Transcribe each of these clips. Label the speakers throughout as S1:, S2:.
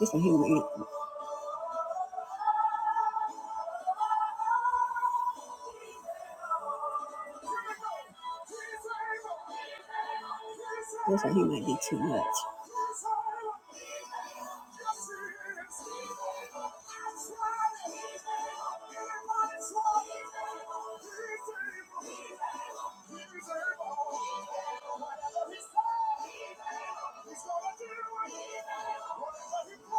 S1: This one here will eat. it. Looks like he might be too much.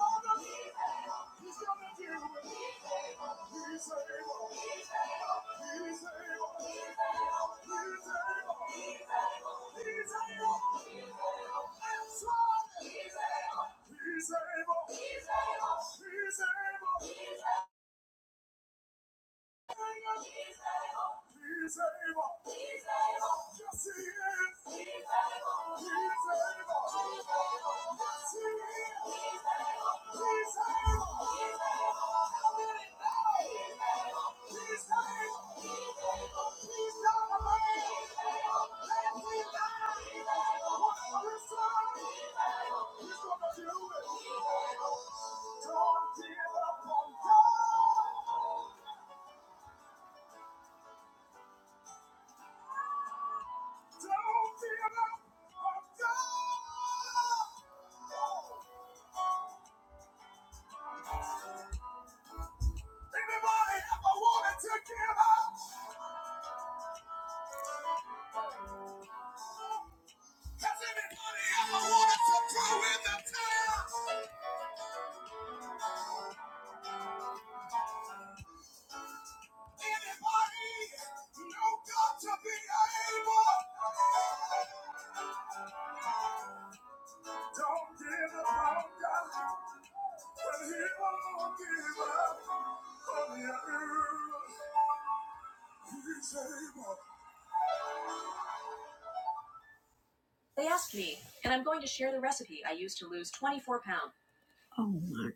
S1: Oh my.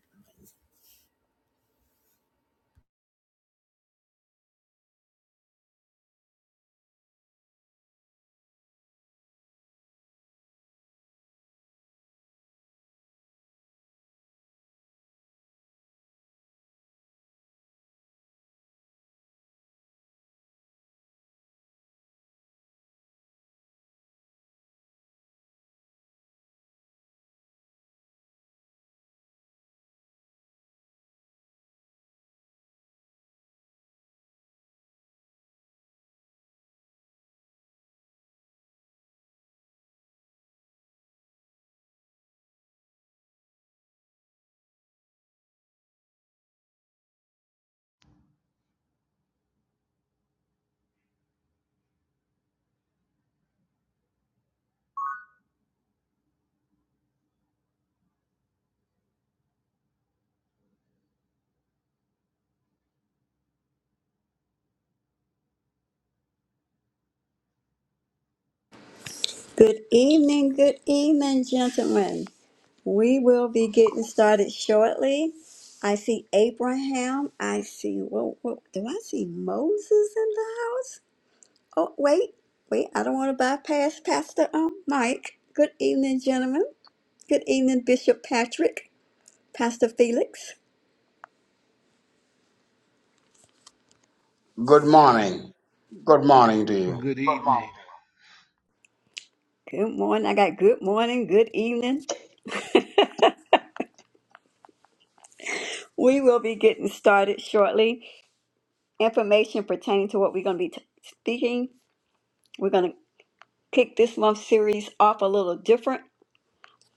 S1: Good evening, good evening, gentlemen. We will be getting started shortly. I see Abraham. I see, what, what, do I see Moses in the house? Oh, wait, wait, I don't want to bypass Pastor um, Mike. Good evening, gentlemen. Good evening, Bishop Patrick, Pastor Felix.
S2: Good morning. Good morning to you.
S3: Good evening.
S1: Good morning. I got good morning, good evening. We will be getting started shortly. Information pertaining to what we're going to be t- speaking. We're going to kick this month's series off a little different.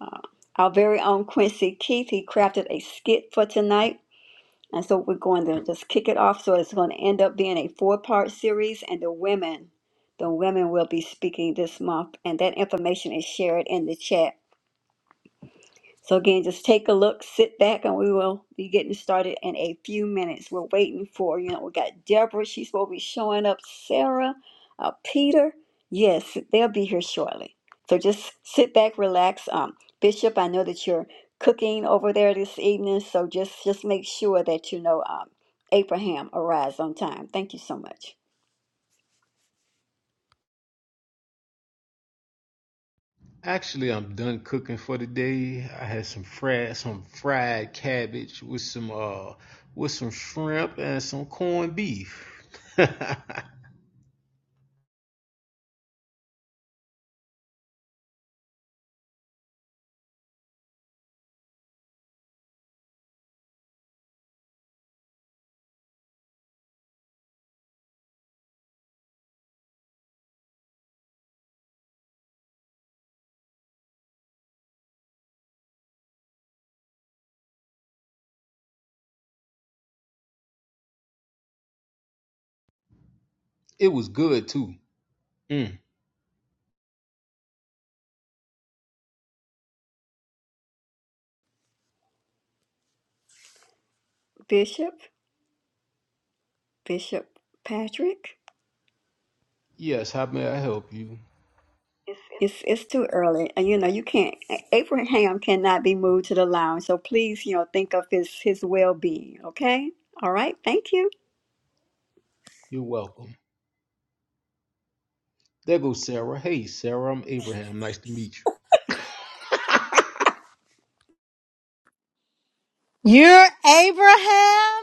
S1: Uh, our very own Quincy Keith, he crafted a skit for tonight And so we're going to just kick it off. So it's going to end up being a four part series, and the women, the women will be speaking this month. And that information is shared in the chat. So again, just take a look, sit back, and we will be getting started in a few minutes. We're waiting for, you know, we got Deborah, she's supposed to be showing up, Sarah, uh, Peter. Yes, they'll be here shortly. So just sit back, relax. Um, Bishop, I know that you're cooking over there this evening, so just just make sure that you know um, Abraham arrives on time. Thank you so much,
S3: Actually, I'm done cooking for the day. I had some fried some fried cabbage with some uh with some shrimp and some corned beef. it was good too. Mm.
S1: Bishop, Bishop Patrick.
S3: Yes, how may I help you?
S1: It's it's too early, and you know you can't. Abraham cannot be moved to the lounge, so please, you know, think of his his well being. Okay, all right. Thank you.
S3: You're welcome. There goes Sarah. Hey, Sarah, I'm Abraham. Nice to meet you.
S4: You're Abraham?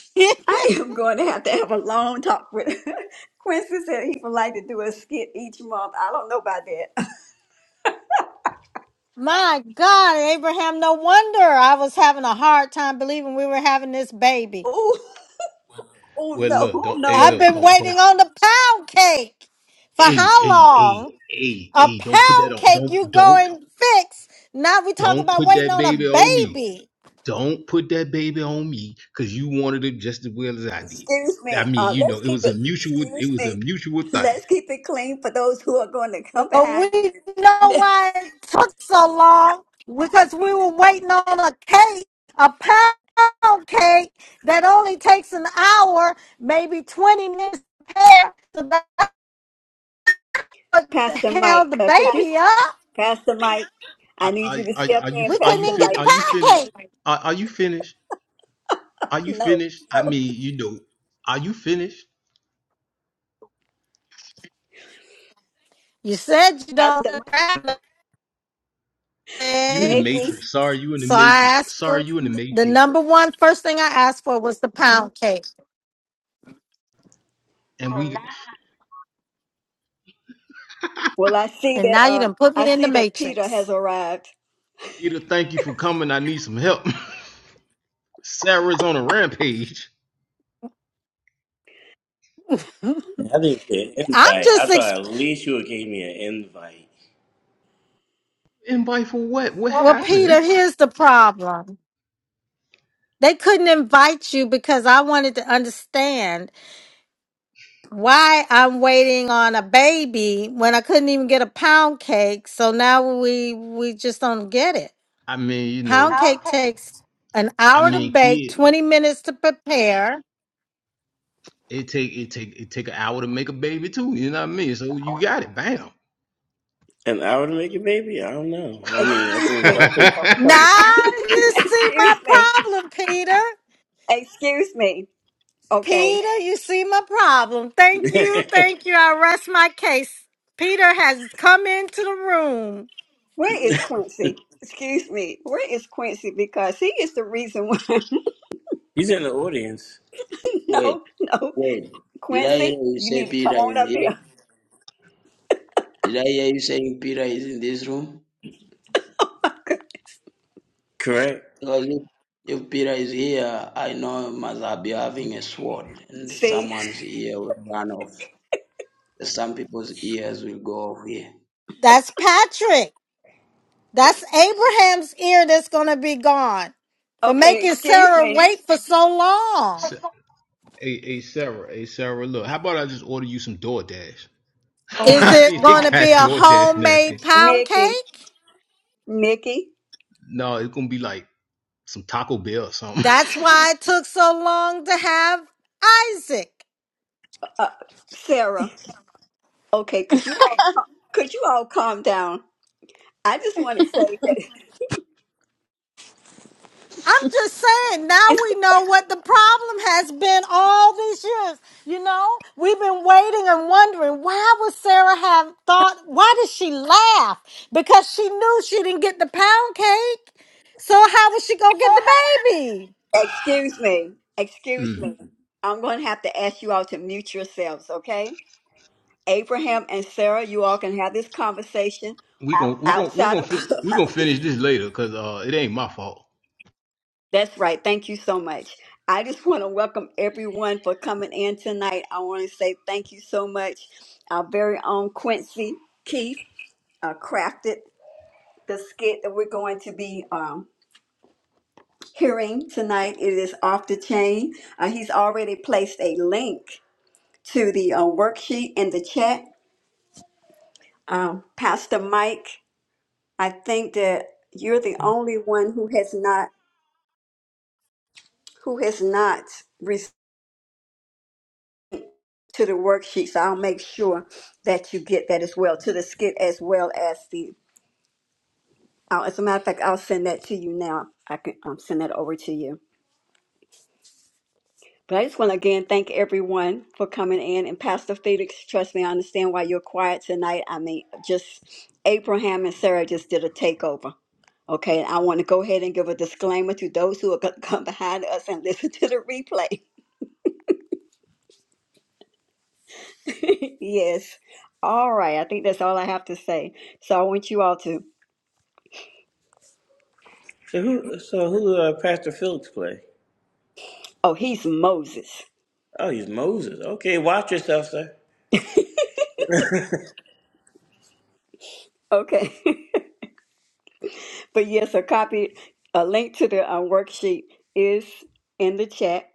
S1: I am going to have to have a long talk with Quincy. Said he would like to do a skit each month. I don't know about that.
S4: My God, Abraham, no wonder I was having a hard time believing we were having this baby.
S1: Oh, oh
S3: Well, look,
S1: no,
S3: don't. Hey,
S1: no.
S4: I've
S3: look,
S4: been
S3: don't, don't.
S4: waiting on the pound cake for
S3: Hey,
S4: how
S3: hey, hey,
S4: long?
S3: hey,
S4: A
S3: hey. Don't put that
S4: pound
S3: on.
S4: cake
S3: Don't,
S4: you go
S3: don't,
S4: and fix. Now we talk
S3: don't
S4: about
S3: put
S4: waiting
S3: that
S4: on
S3: baby
S4: a
S3: on me.
S4: baby.
S3: Don't put that baby on me because you wanted it just as well as I did.
S1: Excuse
S3: I
S1: me.
S3: mean,
S1: Uh,
S3: you know,
S1: let's
S3: it
S1: keep
S3: was a
S1: it.
S3: mutual. It
S1: Excuse
S3: was a
S1: me.
S3: mutual thing.
S1: Let's keep it clean for those who are going to come
S4: But
S1: behind you.
S4: we know
S1: Let's,
S4: why it took so long because we were waiting on a cake, a pound cake that only takes an hour, maybe 20 minutes to prepare. So that's what
S1: Pastor
S4: held
S1: Mike,
S4: the
S1: uh, could
S3: Okay.
S1: you?
S4: baby up.
S1: Pastor Mike, I
S3: Are,
S1: need
S3: are,
S1: you to
S3: are
S1: step
S3: are you
S1: in,
S4: We
S3: are
S4: couldn't
S3: you
S1: Pastor
S4: even
S3: fin
S4: get the
S1: Mike.
S3: Are you
S4: pound
S3: finished?
S4: cake.
S3: Are, are you finished? Are you
S1: No,
S3: finished? I mean, you know, are you finished?
S4: You said you don't
S1: Pastor
S4: do
S1: Mike.
S4: crab
S3: You in the
S1: Nikki,
S4: legs.
S3: matrix. Sorry, you in the
S4: So I
S3: matrix.
S4: asked
S3: Sorry,
S4: for
S3: you in the
S4: the
S3: matrix.
S4: number one first thing I asked for was the pound cake.
S3: And Oh, we,
S1: well, I see
S4: And
S1: that.
S4: now you
S1: Uh,
S4: done put me
S1: I
S4: in the
S1: see that Peter
S4: matrix.
S1: has arrived.
S3: Peter, thank you for coming. I need some help. Sarah's on a rampage.
S5: I didn't get an
S4: I'm
S5: invite. I
S4: just
S5: thought at least you would give me an invite.
S3: Invite for what? What well,
S4: Well,
S3: Peter,
S4: Peter,
S3: happened?
S4: here's the problem. They couldn't invite you because I wanted to understand why I'm waiting on a baby when I couldn't even get a pound cake. So now we we just don't get it.
S3: I mean, you know,
S4: Pound
S3: I don't
S4: cake
S3: take
S4: takes an
S3: I
S4: hour to
S3: mean,
S4: bake,
S3: kid.
S4: 20 minutes to prepare.
S3: It take it take it take an hour to make a baby too. You know what I mean? So you got it. Bam.
S5: An hour to make it, maybe? I don't know. I mean, I
S1: Excuse
S5: think I'll
S1: me.
S5: take a couple.
S4: Now you see
S1: Excuse
S4: my
S1: me.
S4: problem, Peter.
S1: Excuse me. Okay,
S4: Peter, you see my problem. Thank you. Thank you. I rest my case. Peter has come into the room.
S1: where is Quincy? Excuse me. Where is Quincy? Because he is the reason why.
S5: he's in the audience,
S2: Wait,
S1: no, no,
S2: wait. Did I hear
S1: Quincy,
S2: you
S1: you
S2: say
S1: need to come
S2: Peter
S1: on
S2: is
S1: up
S2: here?
S1: here.
S2: Did I hear you saying Peter is in this room?
S5: correct?
S2: Because if, if Peter is here, I know must be having a sword, and
S1: See.
S2: someone's ear will run off. Some people's ears will go off here.
S4: That's Patrick. That's Abraham's ear that's going to be gone for
S1: Okay.
S4: making
S1: Excuse
S4: Sarah
S1: me.
S4: wait for so long.
S3: So- hey, hey Sarah, hey Sarah, look, how about I just order you some DoorDash?
S1: Oh
S4: Is
S3: I
S1: my,
S4: it
S3: mean, they
S4: going to be
S3: got
S4: a
S3: DoorDash now.
S4: homemade pound
S1: Nikki,
S4: cake?
S1: Nikki,
S3: No, it's gonna be like some Taco Bell or something.
S4: That's why it took so long to have Isaac.
S1: uh, Sarah. Okay, could you all cal- could you all calm down? I just want to say
S4: I'm just saying, now
S1: that
S4: we know what the problem has been all these years. You know, we've been waiting and wondering why would Sarah have thought, why did she laugh? Because she knew she didn't get the pound cake. So how was she going to get the baby?
S1: excuse me, excuse
S3: Mm.
S1: me. I'm going to have to ask you all to mute yourselves, okay? Abraham and Sarah, you all can have this conversation
S3: We gon' we gon' we
S1: outside
S3: gon'
S1: of
S3: fi- we gon'
S1: clubhouse.
S3: finish this later, cause uh, it ain't my fault.
S1: That's right. Thank you so much. I just want to welcome everyone for coming in tonight. I want to say thank you so much. Our very own Quincy Keith uh, crafted the skit that we're going to be um, hearing tonight. It is off the chain. Uh, he's already placed a link to the uh, worksheet in the chat. Um, Pastor Mike, I think that you're the only one who has not who has not received to the worksheet. So I'll make sure that you get that as well to the skit as well as the. Uh, as a matter of fact, I'll send that to you now. I can um, send that over to you. But I just want to again thank everyone for coming in. And Pastor Felix, trust me, I understand why you're quiet tonight. I mean, just Abraham and Sarah just did a takeover. Okay, and I want to go ahead and give a disclaimer to those who are going to come behind us and listen to the replay. yes. All right, I think that's all I have to say. So I want you all to,
S5: So who? So who? Uh, Pastor Phillips play?
S1: oh, he's Moses.
S5: Oh, he's Moses. Okay, watch yourself, sir.
S1: Okay. but yes, a copy, a link to the uh, worksheet is in the chat.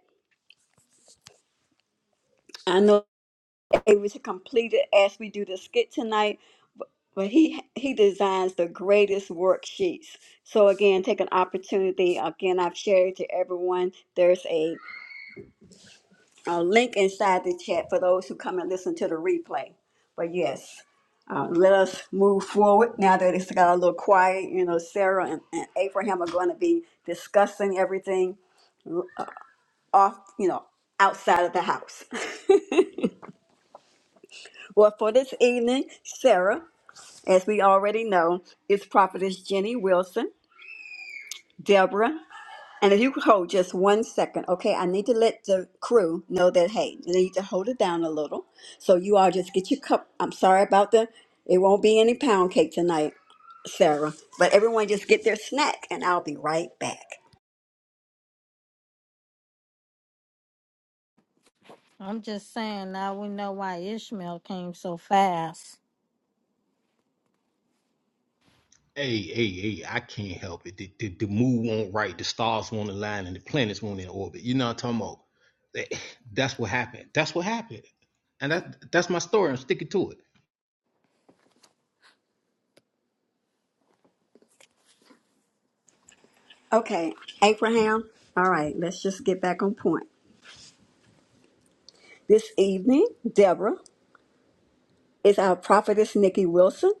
S1: I know. able to complete it as we do the skit tonight. But he he designs the greatest worksheets. So again, take an opportunity. Again, I've shared to everyone. There's a, a link inside the chat for those who come and listen to the replay. But yes, uh, let us move forward now that it's got a little quiet. You know, Sarah and, and Abraham are going to be discussing everything off. You know, outside of the house. well, for this evening, Sarah. As we already know, it's prophetess Jenny Wilson, Deborah. And if you could hold just one second, okay, I need to let the crew know that, hey, they need to hold it down a little. So you all just get your cup. I'm sorry about the, it won't be any pound cake tonight, Sarah. But everyone just get their snack and I'll be right back.
S4: I'm just saying now we know why Ishmael came so fast.
S3: Hey, hey, hey, I can't help it. The, the, the moon won't right, the stars won't align, and the planets won't in orbit. You know what I'm talking about? That- That's what happened. That's what happened. And that that's my story. I'm sticking to it.
S1: Okay, Abraham, all right, let's just get back on point. This evening, Deborah is our prophetess Nikki Wilson.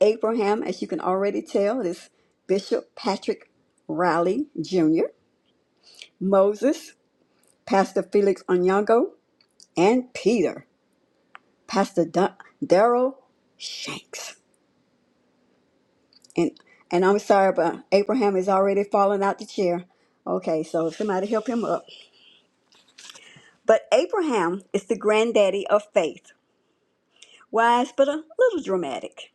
S1: Abraham, as you can already tell, is Bishop Patrick Riley Jr., Moses, Pastor Felix Onyango, and Peter, Pastor Dun- Daryl Shanks. And and I'm sorry, but Abraham is already falling out the chair. Okay, so somebody help him up. But Abraham is the granddaddy of faith, wise but a little dramatic.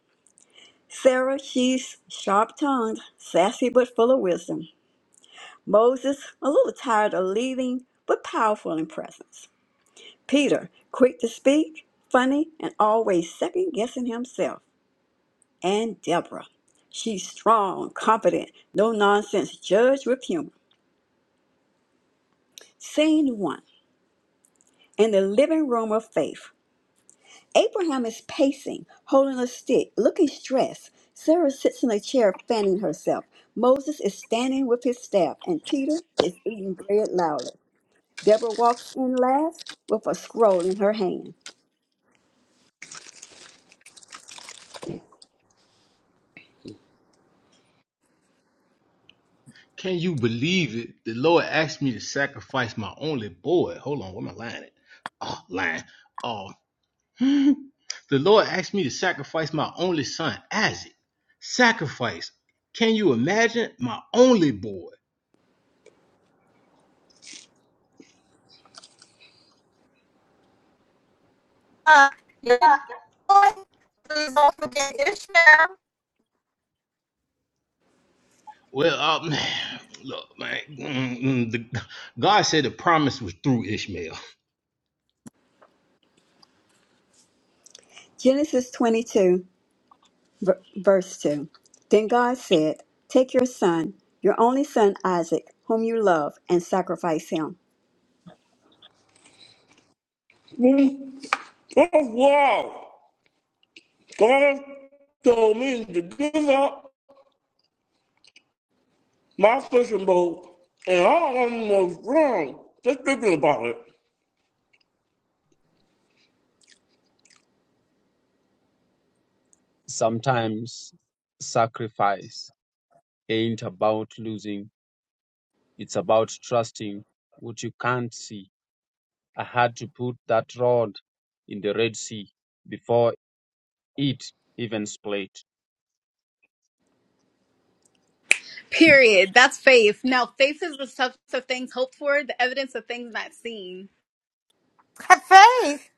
S1: Sarah, she's sharp tongued, sassy but full of wisdom. Moses, a little tired of leading, but powerful in presence. Peter, quick to speak, funny, and always second guessing himself. And Deborah. She's strong, confident, no nonsense, judge with humor. Scene one in the living room of faith. Abraham is pacing, holding a stick, looking stressed. Sarah sits in a chair, fanning herself. Moses is standing with his staff, and Peter is eating bread loudly. Deborah walks in last with a scroll in her hand.
S3: Can you believe it? The Lord asked me to sacrifice my only boy. Hold on, where my line at? Oh, line. Oh. the Lord asked me to sacrifice my only son, Isaac. Sacrifice. Can you imagine? My only boy.
S4: Uh, yeah, boy, please don't forget Ishmael.
S3: Well, um, look, man. mm, mm, The, God said the promise was through Ishmael.
S1: Genesis 22, ver- verse 2. Then God said, Take your son, your only son Isaac, whom you love, and sacrifice him.
S5: Oh wow! God told me to give up my fishing boat, and I almost drowned just thinking about it.
S6: sometimes sacrifice ain't about losing, it's about trusting what you can't see. I had to put that rod in the Red Sea before it even split.
S7: Period. That's faith. Now, faith is the substance of things hoped for, the evidence of things not seen.
S4: Faith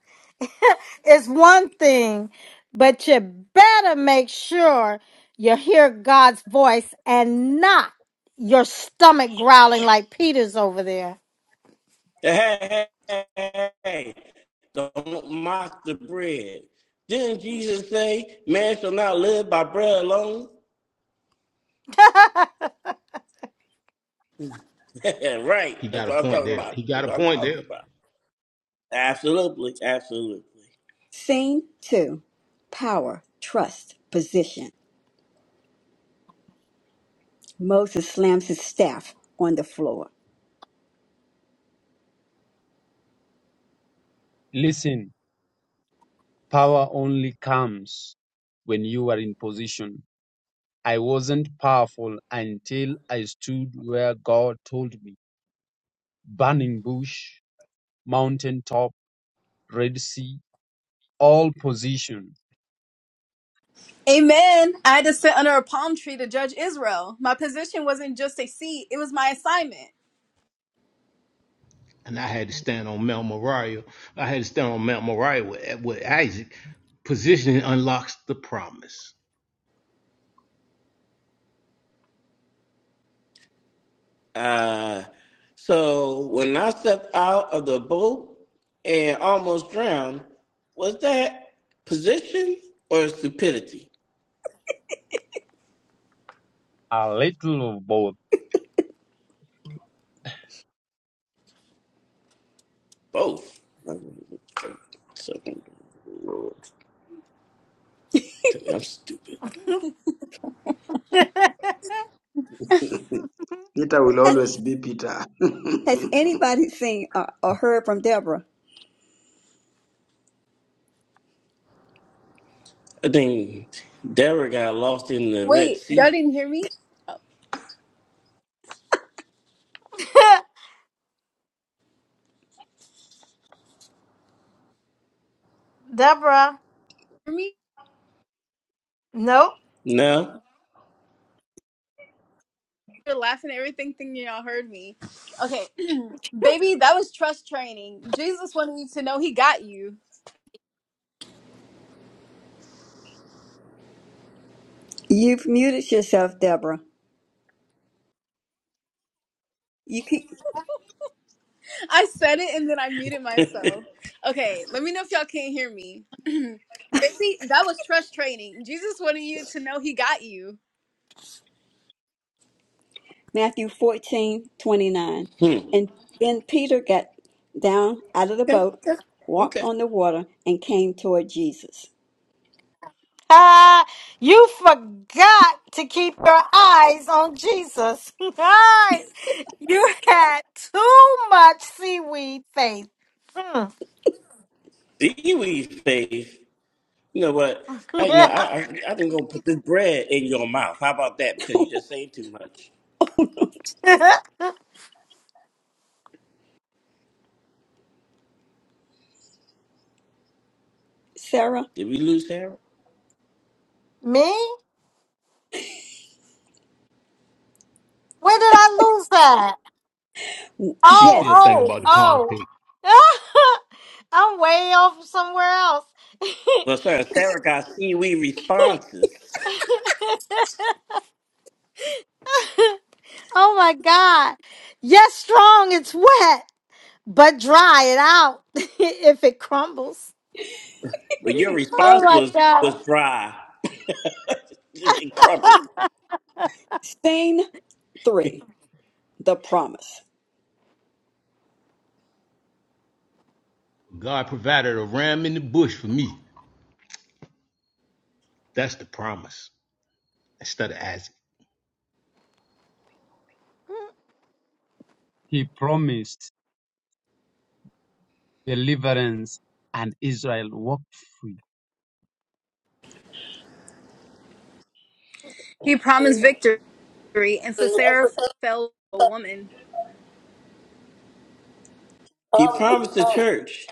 S4: is one thing, but you better make sure you hear God's voice and not your stomach growling like Peter's over there.
S5: Hey, hey, hey, hey, don't mock the bread. Didn't Jesus say, man shall not live by bread alone? right.
S3: He
S5: That's
S3: got a
S5: what I'm
S3: point
S5: talking
S3: there.
S5: about.
S3: He got
S5: That's
S3: a
S5: what I'm
S3: point
S5: talking
S3: there.
S5: about. Absolutely. Absolutely.
S1: Scene 2. Power, trust, position. Moses slams his staff on the floor.
S6: Listen, power only comes when you are in position. I wasn't powerful until I stood where God told me. Burning bush, mountaintop, Red Sea, all position,
S7: Amen. I had to sit under a palm tree to judge Israel. My position wasn't just a seat, it was my assignment.
S3: And I had to stand on Mount Moriah. I had to stand on Mount Moriah with, with Isaac. Positioning unlocks the promise.
S5: Uh, so when I stepped out of the boat and almost drowned, was that position or stupidity?
S6: a little of both.
S5: Both. So, Lord, tell me I'm stupid.
S2: Peter will always be Peter.
S1: Has anybody seen or, or heard from Deborah?
S5: I think Deborah got lost in the Red
S7: Wait, y'all
S5: Sea.
S7: didn't hear me? Oh,
S4: Deborah,
S7: hear me?
S4: nope.
S5: No?
S7: You're laughing at everything thinking y'all heard me. Okay, baby, that was trust training. Jesus wanted you to know he got you.
S1: You've muted yourself, Deborah. You can.
S7: I said it and then I muted myself. Okay, let me know if y'all can't hear me. Baby, that was trust training. Jesus wanted you to know he got you.
S1: Matthew fourteen twenty nine,
S5: Hmm.
S1: And then Peter got down out of the
S5: Okay.
S1: boat, walked
S5: Okay.
S1: on the water, and came toward Jesus.
S4: you forgot to keep your eyes on Jesus. Right. you had too much seaweed faith. Hmm.
S5: Seaweed faith. You know what? I you know I I, I think gonna put this bread in your mouth. How about that? Because you just saying too much.
S1: Sarah?
S5: Did we lose Sarah?
S4: Me? Where did I lose that?
S3: She still
S1: Yes.
S3: thinking
S4: Oh,
S3: about the pound
S4: oh,
S3: cake.
S4: oh. I'm way off somewhere else.
S5: Well, Sarah, Sarah got seaweed responses,
S4: oh my God. Yes, strong, it's wet, but dry it out if it crumbles.
S5: but your
S4: Oh
S5: response
S4: my
S5: was was
S4: God.
S5: dry and crumpled.
S1: Scene three The promise.
S3: God provided a ram in the bush for me. That's the promise. Instead of Isaac.
S6: He promised deliverance and Israel walked free.
S7: He promised victory, and Sisera fell a woman.
S5: He promised the church,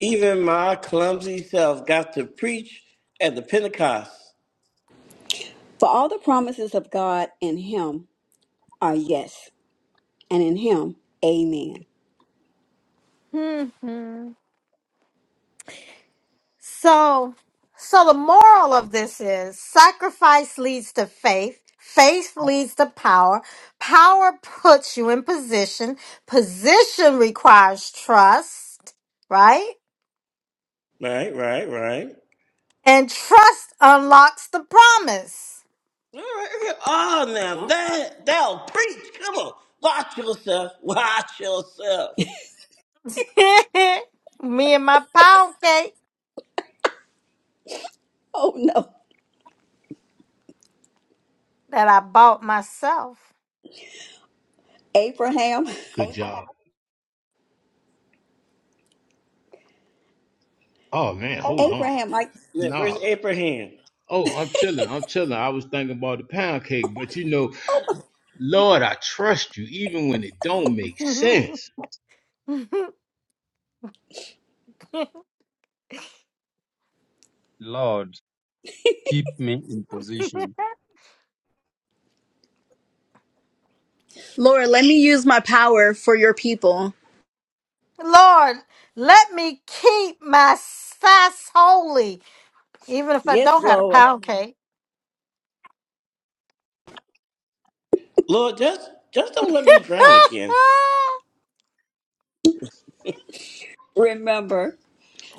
S5: even my clumsy self got to preach at the Pentecost.
S1: For all the promises of God in him are yes, and in him, amen.
S4: Mhm. So, so the moral of this is sacrifice leads to faith. Faith leads to power. Power puts you in position. Position requires trust, right?
S5: Right, right, right.
S4: And trust unlocks the promise.
S5: All right. okay. Oh, now
S1: Huh?
S5: that that'll preach. Come on, watch yourself. Watch yourself.
S4: Me and my pound cake
S1: Oh no.
S4: that I bought myself.
S1: Abraham,
S3: Good job. Oh man, hold on.
S1: Abraham, I,
S5: Yeah, where's
S3: Nah.
S5: Abraham?
S3: Oh, I'm chilling. I'm chilling. I was thinking about the pound cake, but you know. Lord, I trust you even when it don't make
S4: Lord,
S3: sense.
S6: Lord, keep me in position.
S7: Lord, let me use my power for your people.
S4: let me keep my fast holy Even if I
S1: yes,
S4: don't have a
S1: Lord.
S4: pound cake.
S5: Lord, just just don't let me drown again.
S1: Remember,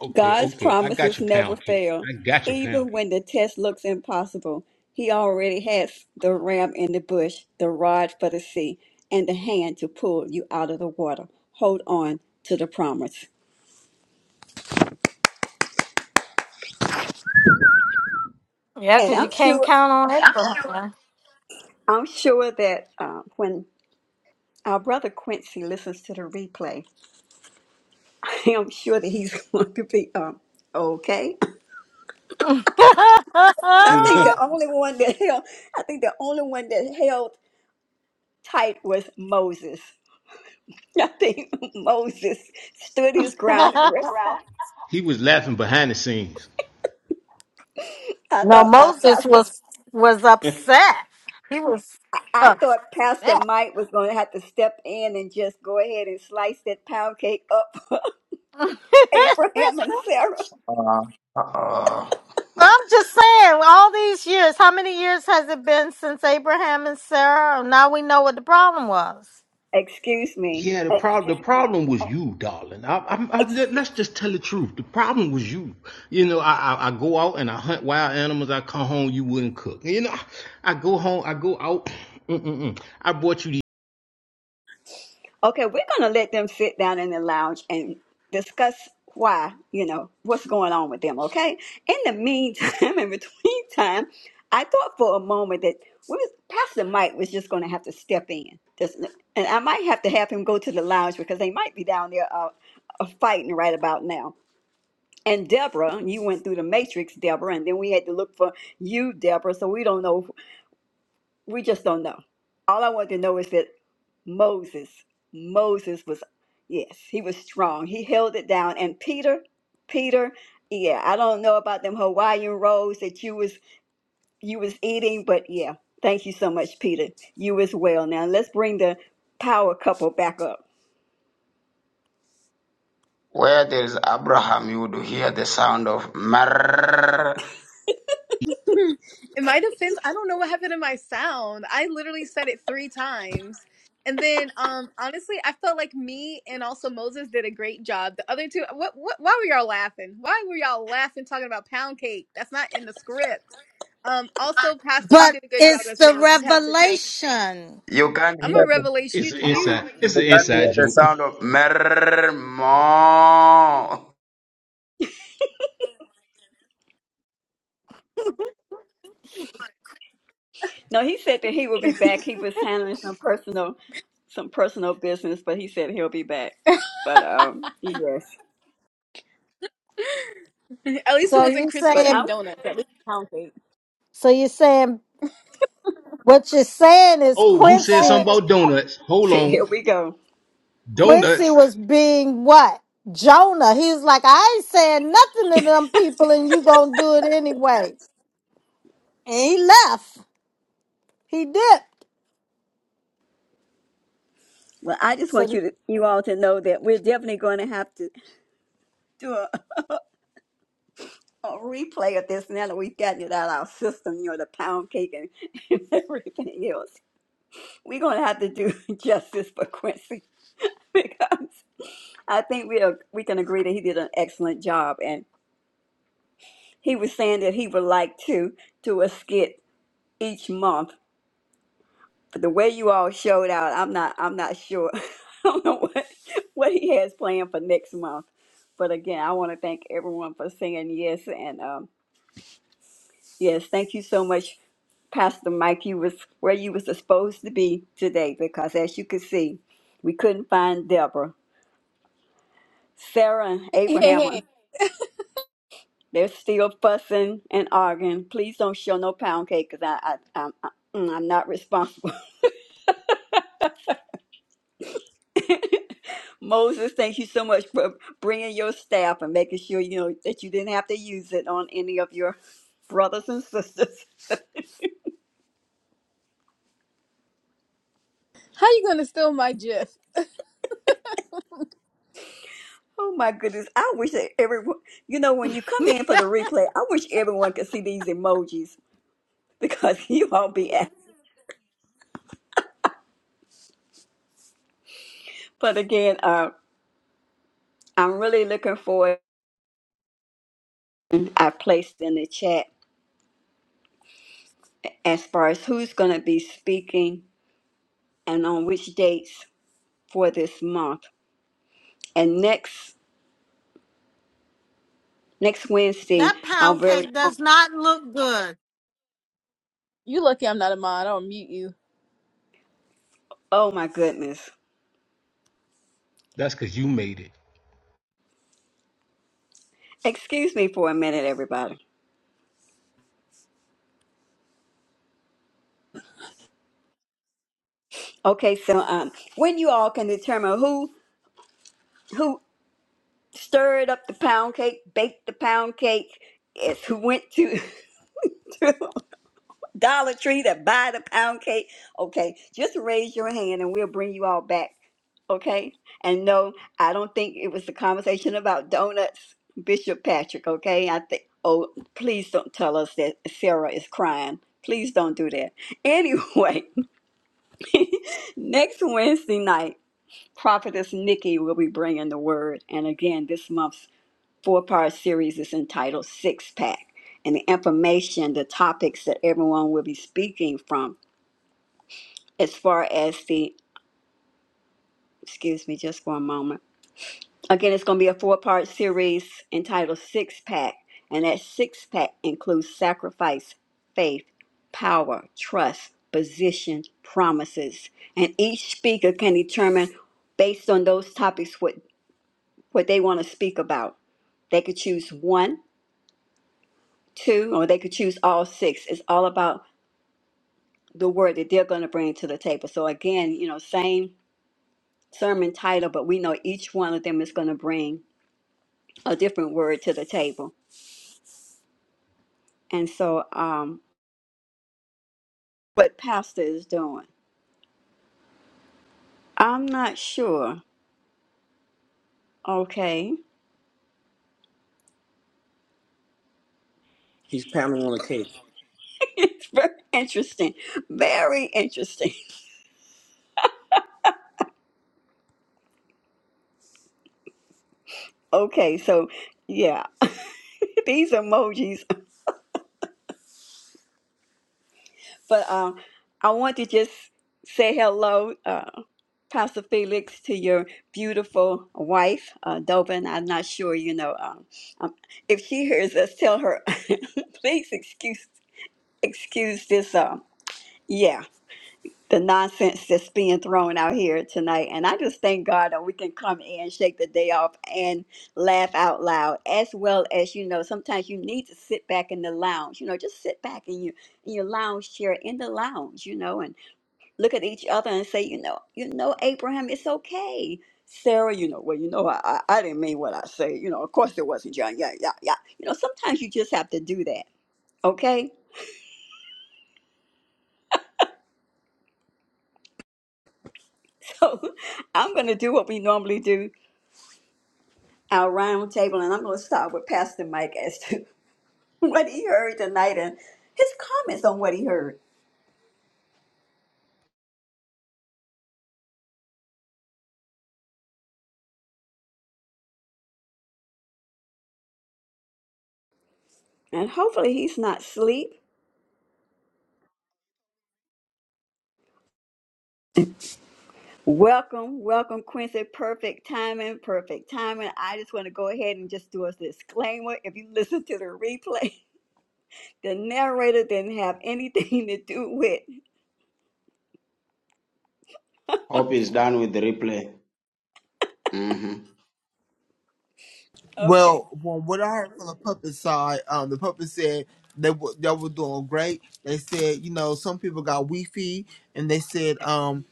S3: Okay,
S1: God's
S3: okay. I got
S1: promises
S3: your
S1: never
S3: pound cake.
S1: fail,
S3: I got your pound
S1: even
S3: cake.
S1: when the test looks impossible. He already has the ram in the bush, the rod for the sea, and the hand to pull you out of the water. Hold on to the promise.
S4: yeah,
S1: And
S4: because you
S1: I'm
S4: can't
S1: sure,
S4: count on Abraham.
S1: I'm sure that uh, when our brother Quincy listens to the replay, I'm sure that he's going to be um, okay. I think the only one that held, I think the only one that held tight was Moses. I think Moses stood his ground. The rest-
S3: Ralph. He was laughing behind the scenes.
S1: I
S4: no,
S1: thought uh,
S4: Moses
S1: Pastor,
S4: was was upset. He was
S1: I I
S4: upset.
S1: thought Pastor Mike was going to have to step in and just go ahead and slice that pound cake up, Abraham and Sarah.
S2: Uh, uh,
S4: I'm just saying, all these years, how many years has it been since Abraham and Sarah? Now we know what the problem was.
S1: Excuse me.
S3: Yeah, the problem the problem was you, darling. I, I, I, let- let's just tell the truth. The problem was you. You know, I, I I go out and I hunt wild animals. I come home, you wouldn't cook. You know, I go home, I go out. Mm-mm-mm. I bought you the.
S1: Okay, we're going to let them sit down in the lounge and discuss why, you know, what's going on with them, okay? In the meantime, in between time, I thought for a moment that we was, Pastor Mike was just going to have to step in. Just, and I might have to have him go to the lounge because they might be down there uh, uh, fighting right about now. And Deborah, you went through the matrix, Deborah, and then we had to look for you, Deborah, so we don't know. We just don't know. All I want to know is that Moses. Moses was, yes, he was strong. He held it down. And Peter, Peter, yeah, I don't know about them Hawaiian rolls that you was you was eating, but yeah, thank you so much, Peter. You as well. Now let's bring the power couple back up.
S2: where there is Abraham, you would hear the sound of Mer.
S7: in my defense, I don't know what happened to my sound. I literally said it three times. And then um honestly, I felt like me and also Moses did a great job. The other two what, what why were y'all laughing? Why were y'all laughing talking about pound cake? That's not in the script. Um also Pastor, you
S4: But
S7: did a good job
S4: it's
S7: as
S4: the
S7: well. Pastor Shane.
S4: revelation.
S2: You can't
S7: I'm
S2: hear.
S7: a
S2: the
S3: It's an
S7: revelation. You,
S3: inside.
S2: You
S3: It's an
S2: can't
S3: inside
S2: hear the
S3: joke.
S2: sound of mer more.
S1: No, he said that he will be back. He was handling some personal some personal business, but he said he'll be back. But um yes.
S7: you. at least it
S4: So
S7: was not
S4: you
S7: Krispy
S1: But
S7: Kreme
S4: saying
S1: I'm
S7: donuts, at least pound cake.
S4: so you saying What you're saying is
S3: Oh, who said something
S4: Quincy,
S3: about donuts? Hold
S1: see, here
S3: on,
S1: we go.
S4: Quincy
S3: donuts.
S4: was being what? Jonah. He's like, I ain't saying nothing to them people and you gonna do it anyway. And he left. He dipped.
S1: Well, I just want
S4: So
S1: you to, you all to know that we're definitely going to have to do a a replay of this now that we've gotten it out of our system, you know, the pound cake and, and everything else. We're going to have to do justice for Quincy because I think we are, we can agree that he did an excellent job. And he was saying that he would like to do a skit each month. But the way you all showed out, I'm not I'm not sure. I don't know what, what he has planned for next month. But again, I want to thank everyone for saying yes and um, yes, thank you so much Pastor Mike, you was where you was supposed to be today because as you could see, we couldn't find Deborah. Sarah and
S7: Hey, hey,
S1: Abraham,
S7: hey.
S1: they're still fussing and arguing. Please don't show no pound cake because I, I, I'm, I, mm, I'm not responsible. Moses, thank you so much for bringing your staff and making sure, you know, that you didn't have to use it on any of your brothers and sisters.
S7: How you gonna steal my GIF?
S1: Oh my goodness. I wish that everyone, you know, when you come in for the replay, I wish everyone could see these emojis. because you won't be asked. But again, uh, I'm really looking forward. I placed in the chat as far as who's going to be speaking and on which dates for this month. And next next Wednesday,
S4: that
S1: our
S4: pound
S1: very
S4: cake
S1: own.
S4: does not look good.
S7: You lucky I'm not a mod, I'll mute you.
S1: oh my goodness,
S3: That's because you made it.
S1: excuse me for a minute, everybody. Okay, so um, when you all can determine who who stirred up the pound cake, baked the pound cake, is who went to to Dollar Tree that buy the pound cake. Okay, just raise your hand and we'll bring you all back. Okay? And no, I don't think it was the conversation about donuts, Bishop Patrick. Okay? I think, oh, please don't tell us that Sarah is crying. Please don't do that. Anyway, next Wednesday night, Prophetess Nikki will be bringing the word. And again, this month's four part series is entitled Six Pack. And the information, the topics that everyone will be speaking from as far as the excuse me just one moment again it's going to be a four part series entitled six pack and that six pack includes sacrifice faith power trust position promises and each speaker can determine based on those topics what what they want to speak about they could choose one two or they could choose all six it's all about the word that they're going to bring to the table so again you know same sermon title but we know each one of them is going to bring a different word to the table. And so, um, what pastor is doing, I'm not sure. Okay,
S5: He's pounding on the cake.
S1: very interesting, very interesting. Okay, so yeah, these emojis, but um, I want to just say hello, uh, Pastor Felix, to your beautiful wife, uh, Dovin. I'm not sure, you know, um, um, if she hears us, tell her, please excuse excuse this. Um, yeah. the nonsense that's being thrown out here tonight. And I just thank God that we can come in, shake the day off, and laugh out loud, as well as you know. Sometimes you need to sit back in the lounge. You know, just sit back in your in your lounge chair in the lounge. You know, and look at each other and say, you know, you know, Abraham, it's okay. Sarah, you know, well, you know, I, I I didn't mean what I said. You know, of course it wasn't John. Yeah, yeah, yeah. You know, sometimes you just have to do that. Okay, so I'm gonna do what we normally do. our roundtable, and I'm going to start with Pastor Mike as to what he heard tonight and his comments on what he heard. And hopefully he's not asleep. Welcome, welcome, Quincy. Perfect timing, perfect timing. I just want to go ahead and just do a disclaimer. If you listen to the replay, the narrator didn't have anything to do with.
S2: Hope is done with the replay. hmm
S1: Okay.
S8: Well, from what I heard from the puppet side, um, the puppet said they were they were doing great. They said, you know, some people got Wi-Fi, and they said, um,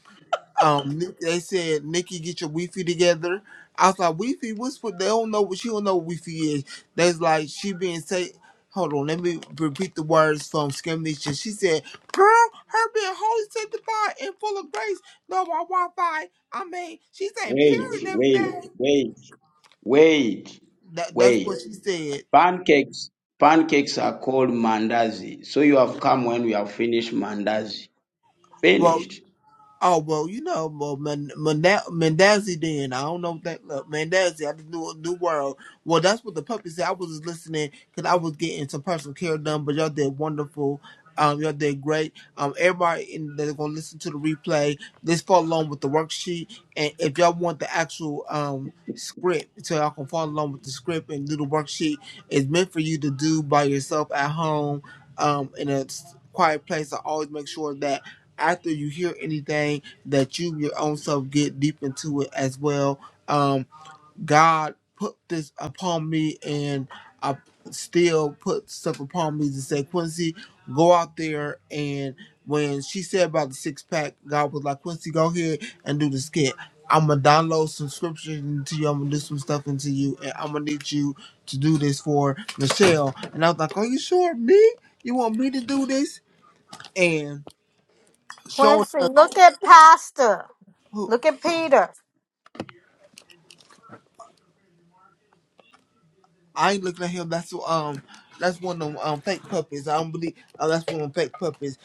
S8: um, Ni- they said, Nikki, get your Wi-Fi together. I was like, Wi-Fi, what's what? They don't know what she don't know what Wi-Fi is. That's like she being say. Hold on, let me repeat the words from Skimnisha. She said, "Girl, her being holy, sanctified, and full of grace. No, my Wi-Fi. I mean, she's saying
S2: Wait,
S8: pure and
S2: wait,
S8: everything.
S2: wait, Wait,
S8: That, that's
S2: wait.
S8: what she said.
S2: Pancakes, pancakes are called mandazi. So you have come when we have finished mandazi.
S8: Well,
S2: Finished.
S8: Oh well, you know, well, Man- Manda- Mandazi. Then I don't know what that look, Mandazi. I just knew a new world. Well, that's what the puppy said. I was just listening because I was getting some personal care done. But y'all did wonderful. Um, y'all did great. Um, everybody in, that's gonna listen to the replay, just follow along with the worksheet. And if y'all want the actual um script, so y'all can follow along with the script and do the worksheet. It's meant for you to do by yourself at home, um, in a s- quiet place. I always make sure that after you hear anything that you your own self get deep into it as well. Um, God put this upon me, and I still put stuff upon me to say, Quincy, go out there and when she said about the six pack, God was like, Quincy, go ahead and do the skit. I'm gonna download some scripture into you. I'm gonna do some stuff into you, and I'm gonna need you to do this for Michelle. And I was like, Are you sure me? You want me to do this? And showing
S4: Quincy,
S8: her.
S4: look at Pastor.
S8: who,
S4: Look at Peter.
S8: I ain't looking at him. That's um, that's one of them um fake puppies. I don't believe uh, that's one of them fake puppies.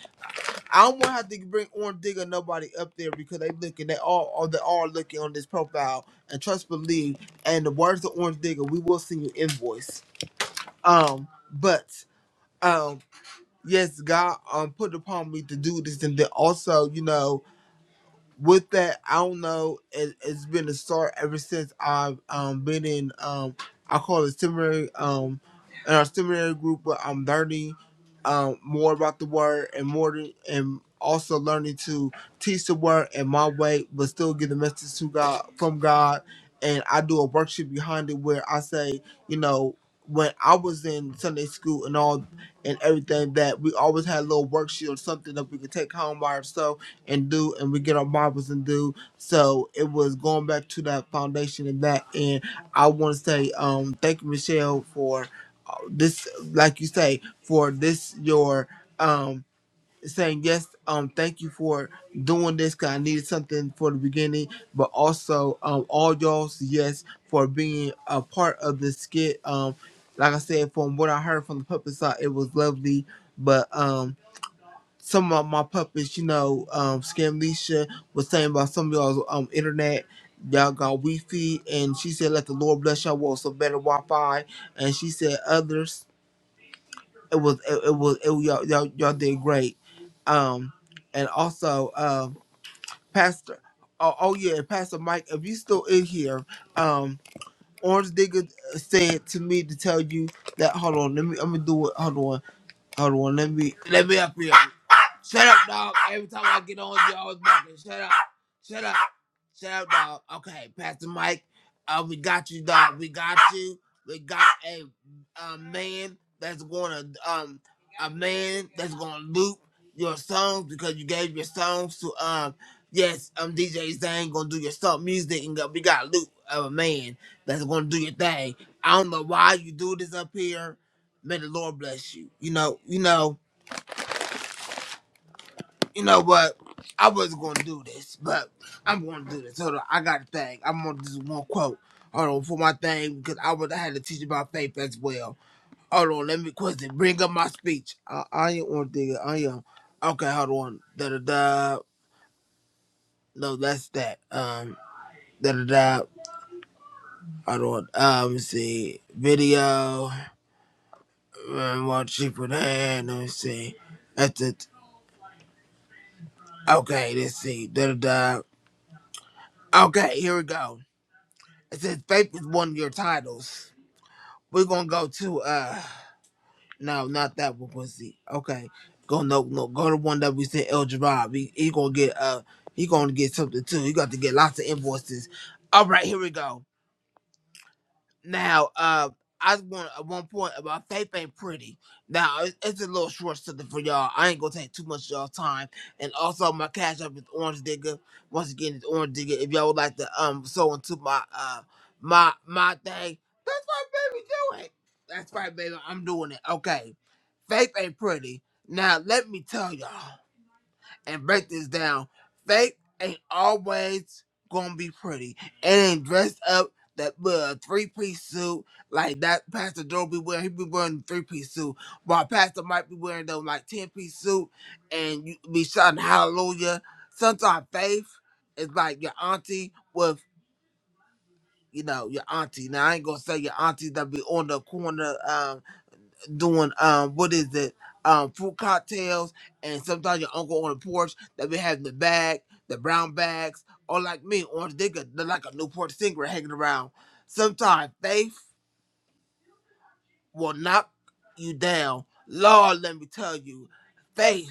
S8: I don't want to have to bring Orange Digger nobody up there because they looking. They all all they are looking on this profile and trust believe. And the words of Orange Digger, we will send you invoice. Um, but um, yes, God um put upon me to do this, and then also you know with that, I don't know. It, it's been a start ever since I've um been in um I call it seminary um in our seminary group, but I'm learning um more about the word and more to, and also learning to teach the word in my way, but still get the message to God from God. And I do a worksheet behind it where I say, you know, when I was in Sunday school and all and everything that we always had a little worksheet or something that we could take home by ourselves and do and we get our marbles and do. So it was going back to that foundation and that and I wanna say um thank you Michelle for this like you say, for this your um saying yes, um thank you for doing this because I needed something for the beginning, but also um all y'all's yes for being a part of this skit. Um like I said, from what I heard from the puppet side, it was lovely. But um some of my puppets, you know, um, Scamnesha was saying about some of y'all's um, internet. Y'all got Wi-Fi, and she said, "Let the Lord bless y'all with some better Wi-Fi." And she said, "Others, it was, it, it was, it, was- y'all, y'all, y'all did great." Um, and also, um, Pastor, oh, oh yeah, Pastor Mike, if you still in here, um, Orange Digger said to me to tell you that. Hold on, let me, I'm gonna do it. Hold on, hold on, let me, let me up here. Shut up, dog. Every time I get on, you always barking. Shut up. Shut up. Shut up, dog. Okay, Pastor Mike. Uh, we got you, dog. We got you. We got a, a man that's going to um a man that's going to loop your songs because you gave your songs to um yes um DJ Zane gonna do your stuff music and we got a loop of a man that's gonna do your thing. I don't know why you do this up here. May the Lord bless you. You know, you know you know what? I wasn't gonna do this, but I'm gonna do this. Hold on, I got a thing. I'm gonna do one quote. Hold on for my thing because I would I had to teach about faith as well. Hold on, let me question. Bring up my speech. I, I ain't want to dig it. I am. Okay, hold on. Da da da. No, that's that. Um, da da da. Hold on. Um, let me see. Video. Um, what she put in. Let me see. That's it. Okay, let's see. Da da da. Okay, here we go. Since Faith is one of your titles, we're gonna go to uh no, not that one pussy. Okay. Go no no go to one that we sent El Gerard. He, he gonna get uh he gonna get something too. He got to get lots of invoices. All right, here we go. Now, uh, I was going at one point about Faith ain't pretty. Now it's, it's a little short something for y'all. I ain't gonna take too much of y'all time. And also, my cash up is Orange Digger. Once again, it's Orange Digger. If y'all would like to um sew into my uh my my thing, that's right, baby. Do it. That's right, baby. I'm doing it. Okay. Faith ain't pretty. Now let me tell y'all and break this down. Faith ain't always gonna be pretty. It ain't dressed up that uh, three piece suit like that Pastor Joe be wearing. He be wearing the three piece suit, while Pastor might be wearing them like ten piece suit, and you be shouting hallelujah. Sometimes faith is like your auntie with you know your auntie. Now I ain't gonna say your auntie that be on the corner. um, doing um what is it um fruit cocktails and sometimes your uncle on the porch that we have the bag the brown bags or like me or they got they're like a Newport singer hanging around sometimes faith will knock you down Lord let me tell you faith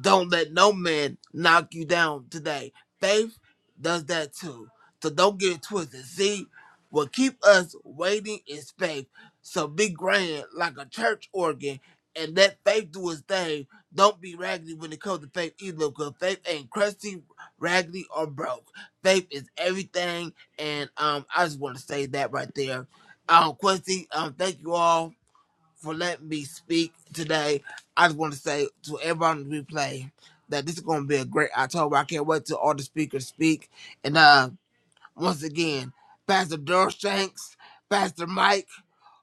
S8: Don't let no man knock you down today. Faith does that too. So don't get it twisted. See, what keep us waiting is faith. So be grand like a church organ and let faith do its thing. Don't be raggedy when it comes to faith either, because faith ain't crusty, raggedy, or broke. Faith is everything, and um, I just want to say that right there. Um, Quincy, um, thank you all for letting me speak today. I just want to say to everyone on the replay that this is going to be a great October. I can't wait till all the speakers speak. And uh, once again, Pastor Durshanks, Pastor Mike,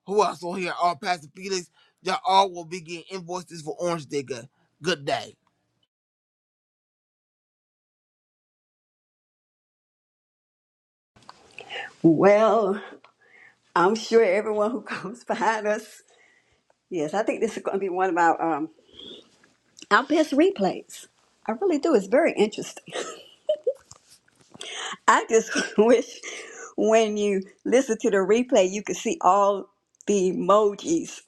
S8: who else on here? All Pastor Felix. Y'all all will be getting invoices for Orange Digger. Good day.
S1: Well, I'm sure everyone who comes behind us. Yes, I think this is going to be one of our um, our best replays. I really do. It's very interesting. I just wish when you listen to the replay, you could see all the emojis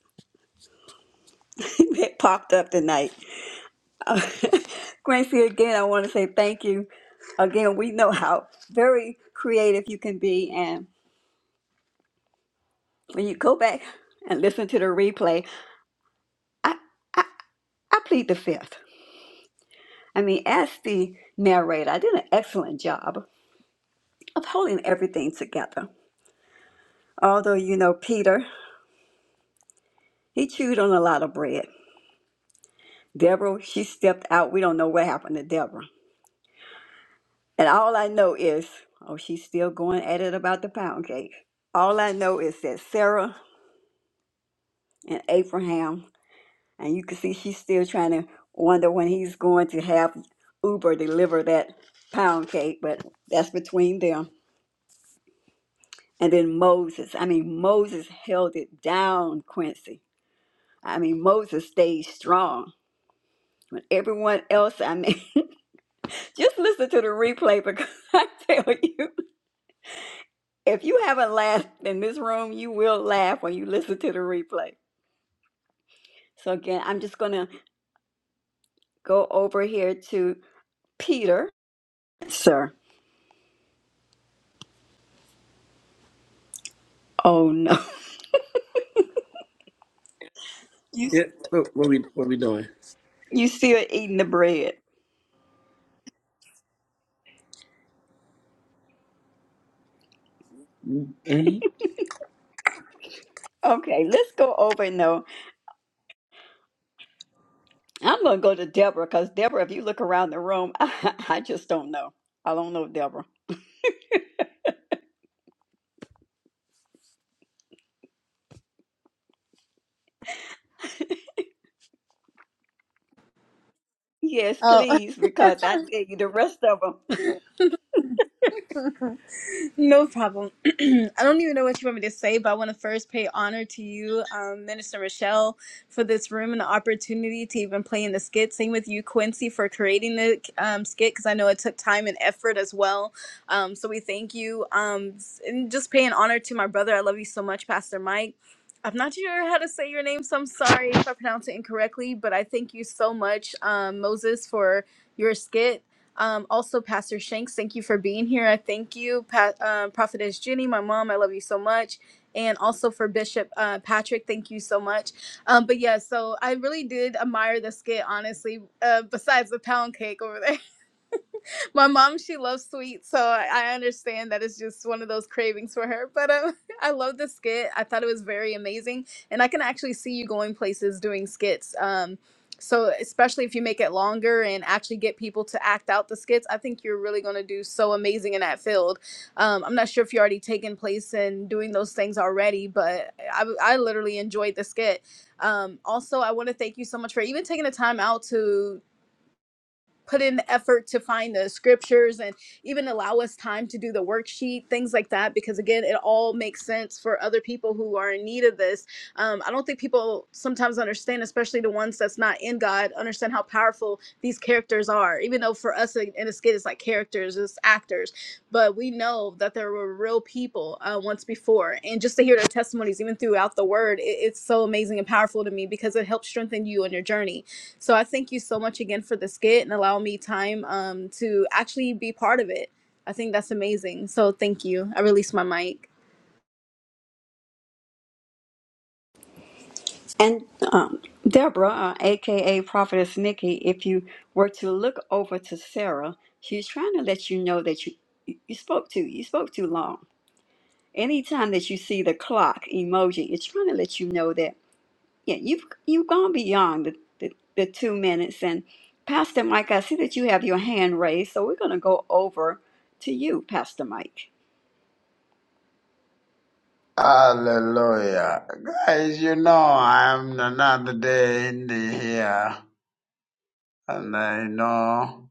S1: that popped up tonight. Gracie, again, I want to say thank you. Again, we know how very creative you can be. And when you go back and listen to the replay, I, I plead the fifth. I mean, as the narrator, I did an excellent job of holding everything together. Although, you know, Peter, he chewed on a lot of bread. Deborah, she stepped out. We don't know what happened to Deborah. And all I know is, oh, she's still going at it about the pound cake. All I know is that Sarah and Abraham, and you can see she's still trying to wonder when he's going to have Uber deliver that pound cake, but that's between them. And then Moses. I mean, Moses held it down, Quincy. I mean, Moses stayed strong. Everyone else, I mean, just listen to the replay because I tell you. If you haven't laughed in this room, you will laugh when you listen to the replay. So again, I'm just gonna go over here to Peter. Sir. Oh no. You
S5: Yeah. What, what we what we doing?
S1: you still eating the bread.
S5: hmm
S1: Okay, let's go over no. I'm gonna go to Deborah because Deborah, if you look around the room, I, I just don't know. I don't know Deborah. Yes,
S7: Oh
S1: please, because I tell you the rest of them.
S7: No problem. I don't even know what you want me to say, but I want to first pay honor to you, um, Minister Michelle, for this room and the opportunity to even play in the skit. Same with you, Quincy, for creating the um, skit because I know it took time and effort as well. Um, so we thank you. Um, and just paying honor to my brother. I love you so much, Pastor Mike. I'm not sure how to say your name, so I'm sorry if I pronounce it incorrectly, but I thank you so much, um, Moses, for your skit um, also, Pastor Shanks, thank you for being here. I thank you, pa- uh, Prophetess Jenny, my mom. I love you so much. And also for Bishop uh, Patrick, thank you so much. Um, but yeah, so I really did admire the skit, honestly, uh, besides the pound cake over there. my mom she loves sweets so i I understand that it's just one of those cravings for her but um, i love the skit i thought it was very amazing and i can actually see you going places doing skits um, so especially if you make it longer and actually get people to act out the skits i think you're really going to do so amazing in that field um, i'm not sure if you're already taking place and doing those things already but i, I literally enjoyed the skit um, also i want to thank you so much for even taking the time out to put in the effort to find the scriptures and even allow us time to do the worksheet things like that because again it all makes sense for other people who are in need of this um, i don't think people sometimes understand especially the ones that's not in god understand how powerful these characters are even though for us in in a skit it's like characters it's actors but we know that there were real people uh, once before and just to hear their testimonies even throughout the word it, it's so amazing and powerful to me because it helps strengthen you on your journey so I thank you so much again for the skit and allowing me time um, to actually be part of it. I think that's amazing. So thank you. I release my mic.
S1: And um, Deborah, uh, aka Prophetess Nikki, if you were to look over to Sarah, she's trying to let you know that you you spoke too you spoke too long. Anytime that you see the clock emoji, it's trying to let you know that yeah you've you've gone beyond the the, the two minutes. And Pastor Mike, I see that you have your hand raised, so we're going to go over to you, Pastor Mike.
S2: Hallelujah. Guys, you know I'm another day in the here. And I know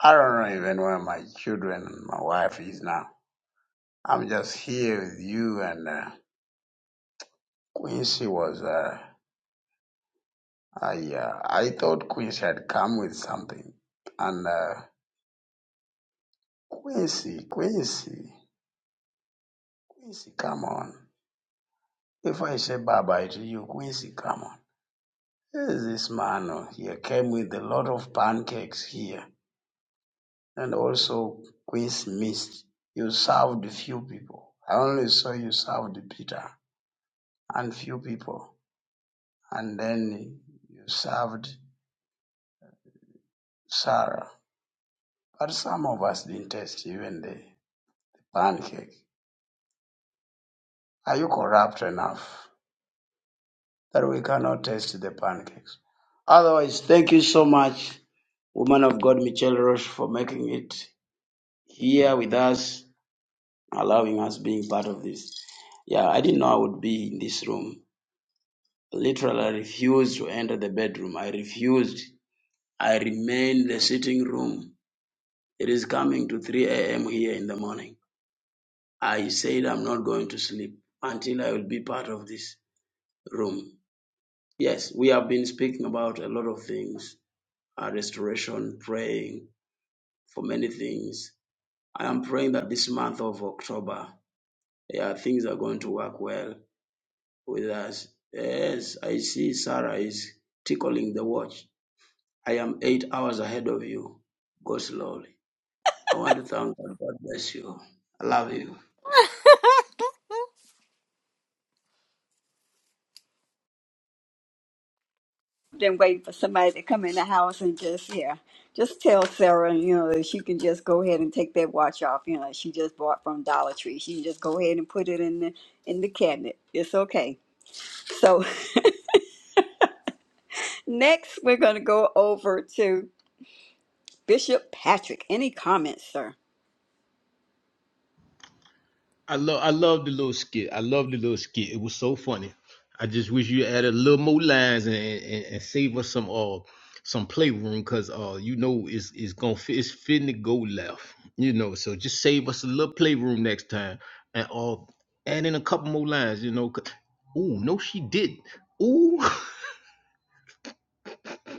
S2: I don't know even where my children and my wife is now. I'm just here with you. And uh, Quincy was, uh, I, uh, I thought Quincy had come with something. And uh, Quincy, Quincy, Quincy, come on. If I say bye bye to you, Quincy, come on. There's this man uh, here came with a lot of pancakes here. And also, Quincy missed. You served few people. I only saw you served Peter and few people. And then you served Sarah But some of us didn't taste even the pancake. Are you corrupt enough that we cannot taste the pancakes? Otherwise, thank you so much, woman of God, Michelle Roche, for making it here with us, allowing us being part of this. Yeah, I didn't know I would be in this room. Literally, I refused to enter the bedroom. I refused. I remained in the sitting room. It is coming to 3 a.m. here in the morning. I said I'm not going to sleep until I will be part of this room. Yes, we have been speaking about a lot of things, uh, restoration, praying for many things. I am praying that this month of October, yeah, things are going to work well with us. Yes, I see Sarah is tickling the watch. I am eight hours ahead of you. Go slowly. I want to thank God. God bless you. I love you.
S1: than waiting for somebody to come in the house and just yeah, just tell Sarah, you know, that she can just go ahead and take that watch off, you know, she just bought from Dollar Tree. She can just go ahead and put it in the in the cabinet. It's okay. So next we're gonna go over to Bishop Patrick. Any comments, sir?
S3: I love I love the little skit. I love the little skit. It was so funny. I just wish you added a little more lines and, and, and save us some uh some playroom because uh you know it's it's gonna fit, it's fitting to go left. You know, so just save us a little playroom next time and uh add in a couple more lines. You know, 'cause- ooh no she didn't. Ooh.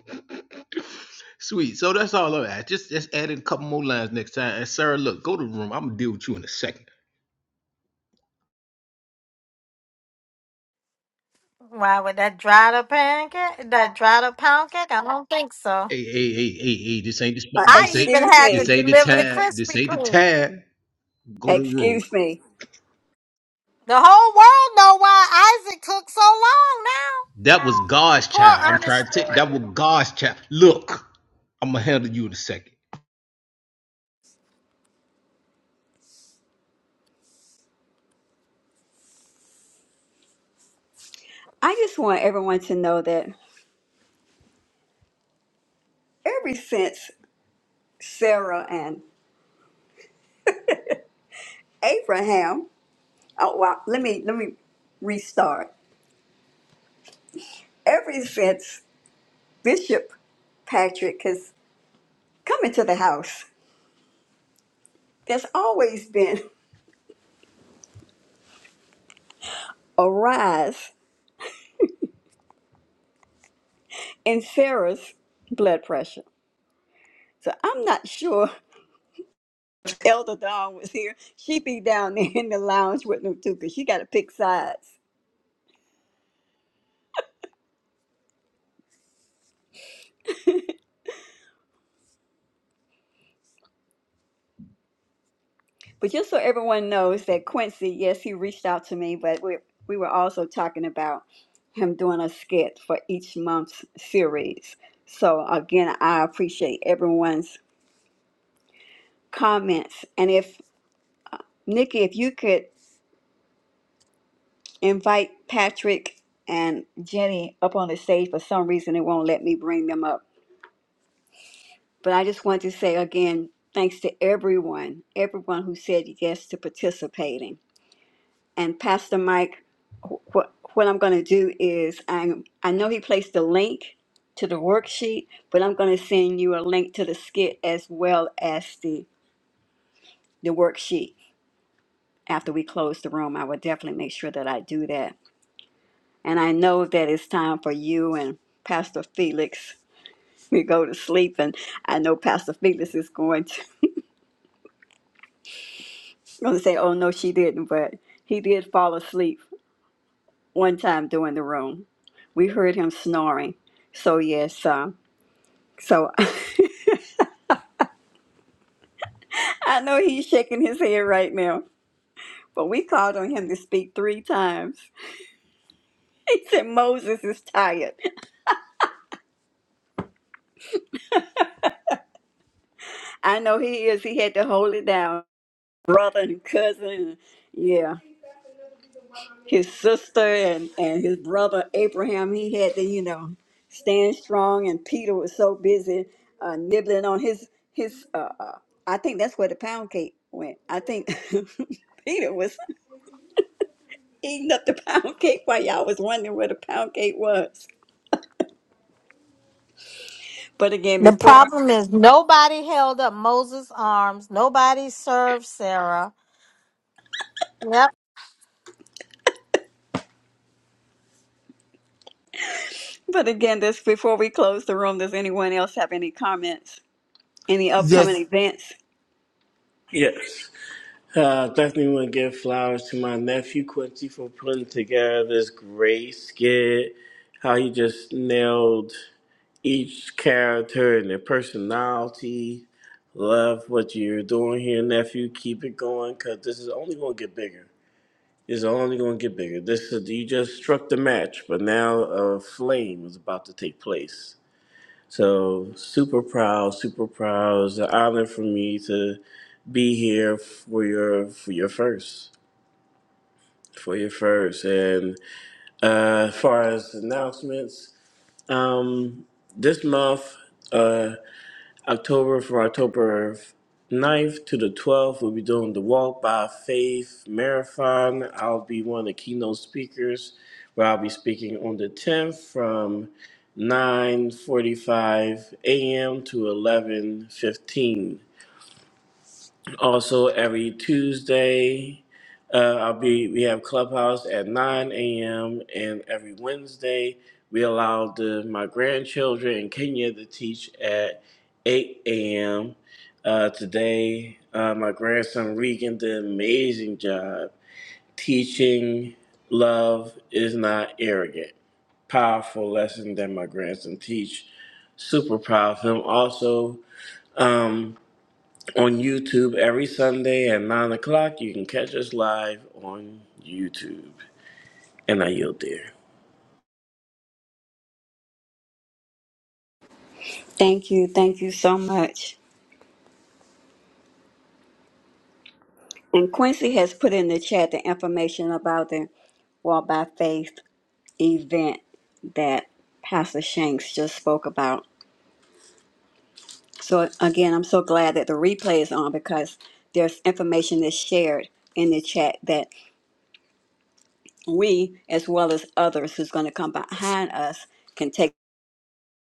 S3: Sweet. So that's all of that. Just just add in a couple more lines next time. And Sarah, look, go to the room. I'm gonna deal with you in a second.
S4: Why would that dried up pancake? That dried up pound cake? I don't think so.
S3: Hey, hey, hey, hey, hey, this ain't the spot.
S1: Uh,
S4: I
S3: This ain't
S4: even
S1: excuse
S4: had to
S3: this
S1: me.
S3: ain't the
S4: deliver the
S3: time. This
S4: Krispy
S3: ain't the
S4: Kreme.
S3: time. Go to the room.
S1: Excuse me.
S4: The whole world know why Isaac took so long now.
S3: That was God's child.
S4: Poor
S3: I'm trying to take that
S4: Ernestine.
S3: was God's child. Look, I'm gonna handle you in a second.
S1: I just want everyone to know that ever since Sarah and Abraham, oh well, let me let me restart. Ever since Bishop Patrick has come into the house. There's always been a rise in Sarah's blood pressure. So I'm not sure if Elder Dawn was here. She'd be down there in the lounge with them too, because she got to pick sides. But just so everyone knows that Quincy, yes, he reached out to me, but we, we were also talking about him doing a skit for each month's series. So again, I appreciate everyone's comments. And if Nikki, if you could invite Patrick and Jenny up on the stage. For some reason, it won't let me bring them up. But I just want to say again, thanks to everyone, everyone who said yes to participating. And Pastor Mike, wh- what what I'm going to do is I'm I know he placed the link to the worksheet, but I'm going to send you a link to the skit as well as the the worksheet after we close the room. I will definitely make sure that I do that. And I know that it's time for you and Pastor Felix to go to sleep. And I know Pastor Felix is going to, going to say, oh, no, she didn't. But he did fall asleep one time during the room. We heard him snoring. So, yes, um, so I know he's shaking his head right now. But we called on him to speak three times. He said, Moses is tired. I know he is. He had to hold it down. Brother and cousin. Yeah. his sister and, and his brother Abraham, he had to, you know, stand strong. And Peter was so busy uh, nibbling on his, his uh, uh, I think that's where the pound cake went. I think Peter was eating up the pound cake while y'all was wondering where the pound cake was. But again,
S4: The
S1: before,
S4: problem is nobody held up Moses' arms. Nobody served Sarah. Yep.
S1: but again, this before we close the room, does anyone else have any comments? Any upcoming
S8: Yes.
S1: events?
S5: Yes. Uh, definitely want to give flowers to my nephew Quincy for putting together this great skit. How he just nailed each character and their personality Love what you're doing here, nephew. Keep it going, cause this is only gonna get bigger. It's only gonna get bigger. This is you just struck the match, but now a flame is about to take place. So super proud, super proud. It's an honor for me to be here for your for your first, for your first. And uh, as far as announcements, um, this month. uh, October for October ninth to the 12th, we'll be doing the Walk by Faith Marathon. I'll be one of the keynote speakers where I'll be speaking on the 10th from 9.45 a.m. to 11.15 also, every Tuesday, uh, I'll be we have clubhouse at 9 a.m. and every Wednesday we allow the my grandchildren in Kenya to teach at 8 a.m. Uh, today, uh, my grandson Regan did an amazing job teaching. Love is not arrogant. Powerful lesson that my grandson teach. Super proud of him. Also. um, on YouTube every Sunday at 9 o'clock. You can catch us live on YouTube. And I yield there.
S1: Thank you. Thank you so much. And Quincy has put in the chat the information about the Walk by Faith event that Pastor Shanks just spoke about. So, again, I'm so glad that the replay is on because there's information that's shared in the chat that we, as well as others who's going to come behind us, can take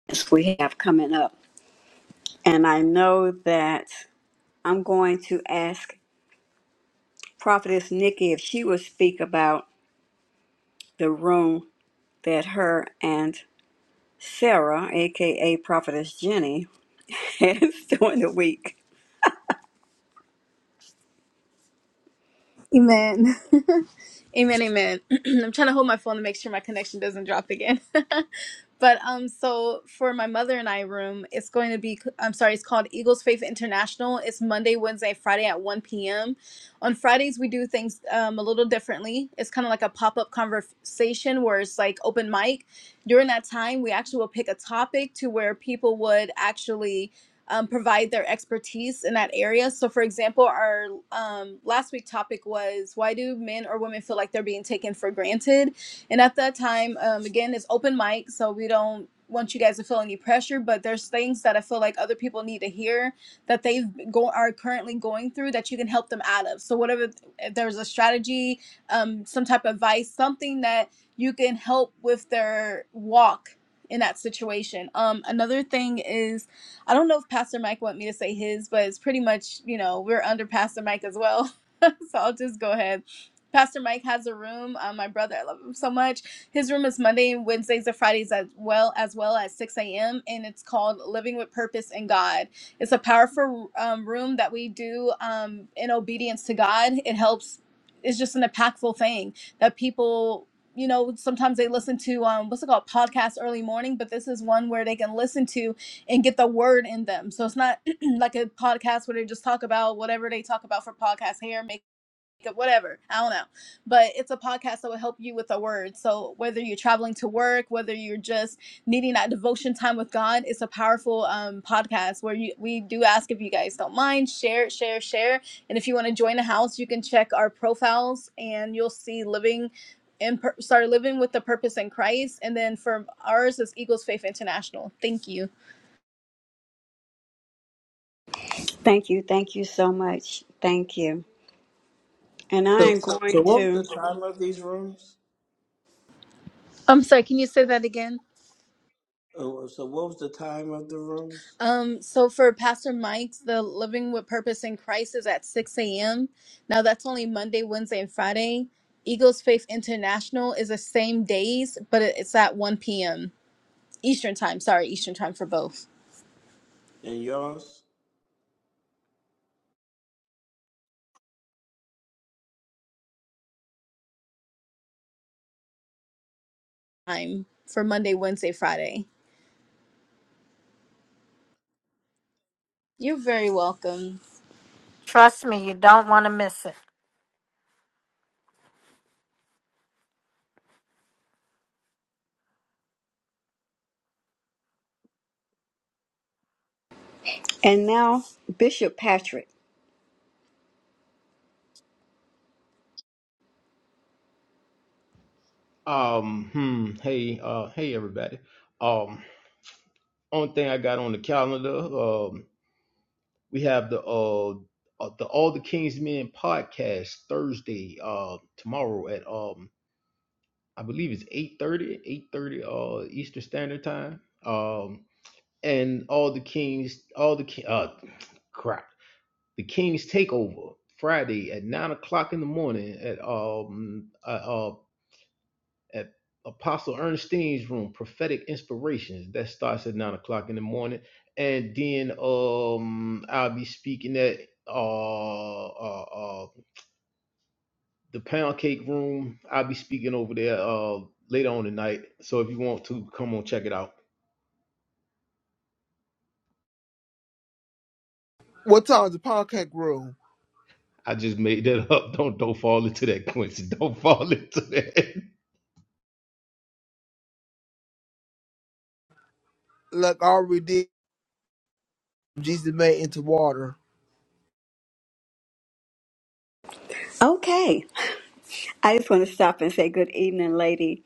S1: as we have coming up. And I know that I'm going to ask Prophetess Nikki if she will speak about the room that her and Sarah, aka Prophetess Jenny, has during the week.
S7: Amen. amen. Amen. I'm trying to hold my phone to make sure my connection doesn't drop again. but um, so for my mother and I room, it's going to be. I'm sorry, it's called Eagles Faith International. It's Monday, Wednesday, Friday at 1 p.m. On Fridays, we do things um a little differently. It's kind of like a pop up conversation where it's like open mic. During that time, we actually will pick a topic to where people would actually um, provide their expertise in that area. So, for example, our um, last week topic was why do men or women feel like they're being taken for granted? And at that time, um, again, it's open mic, so we don't want you guys to feel any pressure. But there's things that I feel like other people need to hear that they go are currently going through that you can help them out of. So, whatever if there's a strategy, um, some type of advice, something that you can help with their walk in that situation. Um, another thing is I don't know if Pastor Mike want me to say his, but it's pretty much, you know, we're under Pastor Mike as well. so I'll just go ahead. Pastor Mike has a room. Uh, my brother, I love him so much. His room is Monday and Wednesdays and Fridays as well, as well as 6 a.m. And it's called Living with Purpose in God. It's a powerful um, room that we do um, in obedience to God. It helps. It's just an impactful thing that people you know sometimes they listen to um what's it called podcast early morning but this is one where they can listen to and get the word in them. So it's not like a podcast where they just talk about whatever they talk about for podcast hair, makeup, whatever. I don't know. But it's a podcast that will help you with the word. So whether you're traveling to work, whether you're just needing that devotion time with God, it's a powerful um, podcast where you, we do ask if you guys don't mind, share, share, share. And if you want to join the house, you can check our profiles and you'll see living and per- start living with the purpose in Christ. And then for ours is Eagles Faith International. Thank you.
S1: Thank you, thank you so much. Thank you. And I
S5: So,
S1: am going
S5: so what was
S1: to,
S5: the time of these rooms?
S7: I'm sorry, can you say that again?
S5: Oh, so what was the time of the rooms
S7: Um, so for Pastor Mike's, the Living with Purpose in Christ is at 6 a.m. Now that's only Monday, Wednesday, and Friday. Eagles Faith International is the same days, but it- it's at 1 p.m. Eastern time. Sorry, Eastern time for both.
S5: and yours?
S7: Time for Monday, Wednesday, Friday. You're very welcome.
S4: Trust me, you don't want to miss it.
S1: and now Bishop Patrick.
S3: Um, hmm, hey, uh, hey everybody. Um, only thing I got on the calendar, um, we have the uh uh, the All the Kings Men podcast Thursday, uh, tomorrow at um, I believe it's 8 30, 8 30 uh Eastern Standard Time. Um and all the kings, all the ki- uh, crap, the kings takeover Friday at nine o'clock in the morning at um uh, uh at Apostle Ernestine's room, prophetic inspirations. That starts at nine o'clock in the morning, and then um I'll be speaking at uh uh, uh the pound cake room. I'll be speaking over there uh later on tonight. So if you want to come on, check it out.
S8: What time is the pancake room?
S3: I just made that up. Don't don't fall into that, Quincy. Don't fall into that.
S8: Look, I already did, Jesus made into water.
S1: Okay, I just want to stop and say good evening, lady.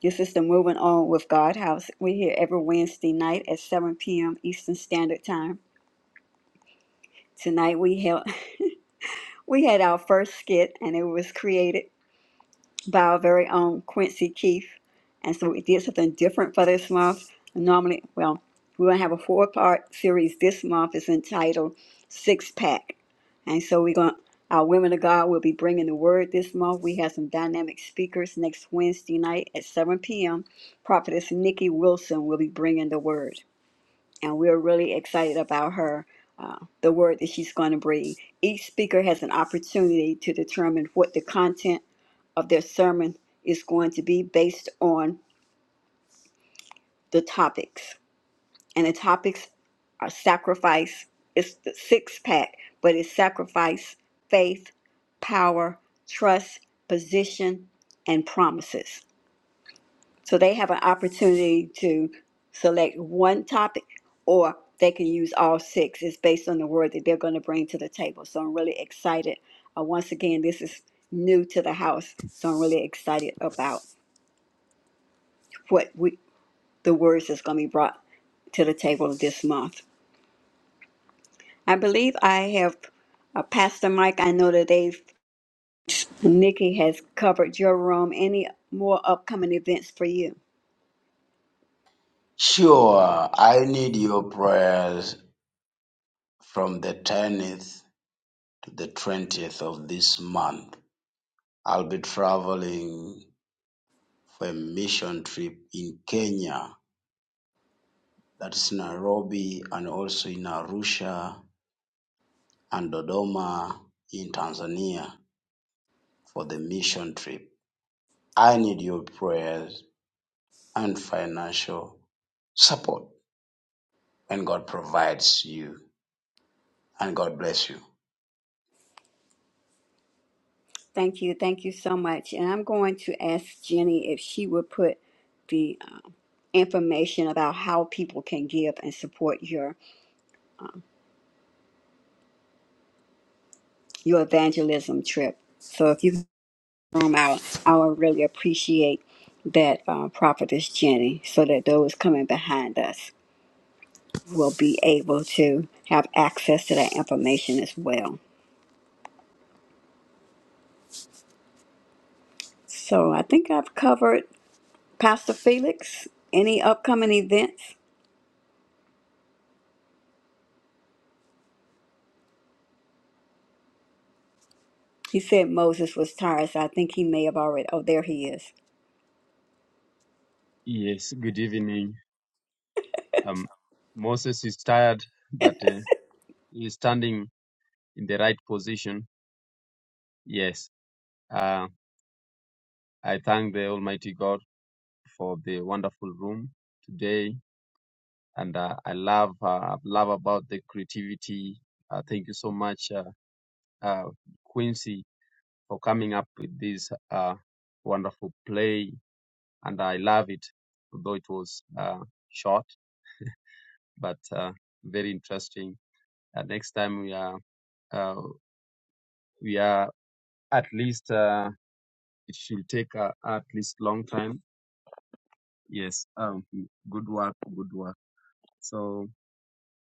S1: This is the Moving On with God House. We're here every Wednesday night at 7 p.m. Eastern Standard Time. Tonight we held, we had our first skit, and it was created. by our very own Quincy Keith. And so we did something different for this month. Normally, well, we're going to have a four part series this month. It's entitled Six Pack. And so we're going to. Our women of God will be bringing the word this month. We have some dynamic speakers next Wednesday night at 7 p.m. Prophetess Nikki Wilson will be bringing the word, and we're really excited about her, uh, the word that she's going to bring. Each speaker has an opportunity to determine what the content of their sermon is going to be based on the topics. And the topics are sacrifice, it's the six pack, but it's sacrifice, faith, power, trust, position, and promises. So they have an opportunity to select one topic or they can use all six. It's based on the word that they're going to bring to the table. So I'm really excited. Uh, once again, this is new to the house. So I'm really excited about what we the words that's going to be brought to the table this month. I believe I have uh, Pastor Mike. I know that they've Nikki has covered your room. Any more upcoming events for you?
S2: Sure, I need your prayers from the 10th to the 20th of this month. I'll be traveling for a mission trip in Kenya, that's Nairobi, and also in Arusha and Dodoma in Tanzania for the mission trip. I need your prayers and financial support when God provides you, and God bless you.
S1: Thank you, thank you so much. And I'm going to ask Jenny if she would put the uh, information about how people can give and support your your evangelism trip. So if you can room out, I would really appreciate that uh, prophetess Jenny, so that those coming behind us. will be able to have access to that information as well. So I think I've covered Pastor Felix. Any upcoming events? He said Moses was tired, so I think he may have already. Oh, there he is.
S6: Yes, good evening. Um, Moses is tired, but uh, he's standing in the right position. Yes, uh, I thank the Almighty God for the wonderful room today, and uh, I love uh, love about the creativity. Uh, thank you so much, uh, uh, Quincy, for coming up with this uh, wonderful play and I love it, although it was uh, short but uh, very interesting. Uh, next time we are uh, we are at least uh, it should take uh, at least long time. Yes, um, good work, good work. So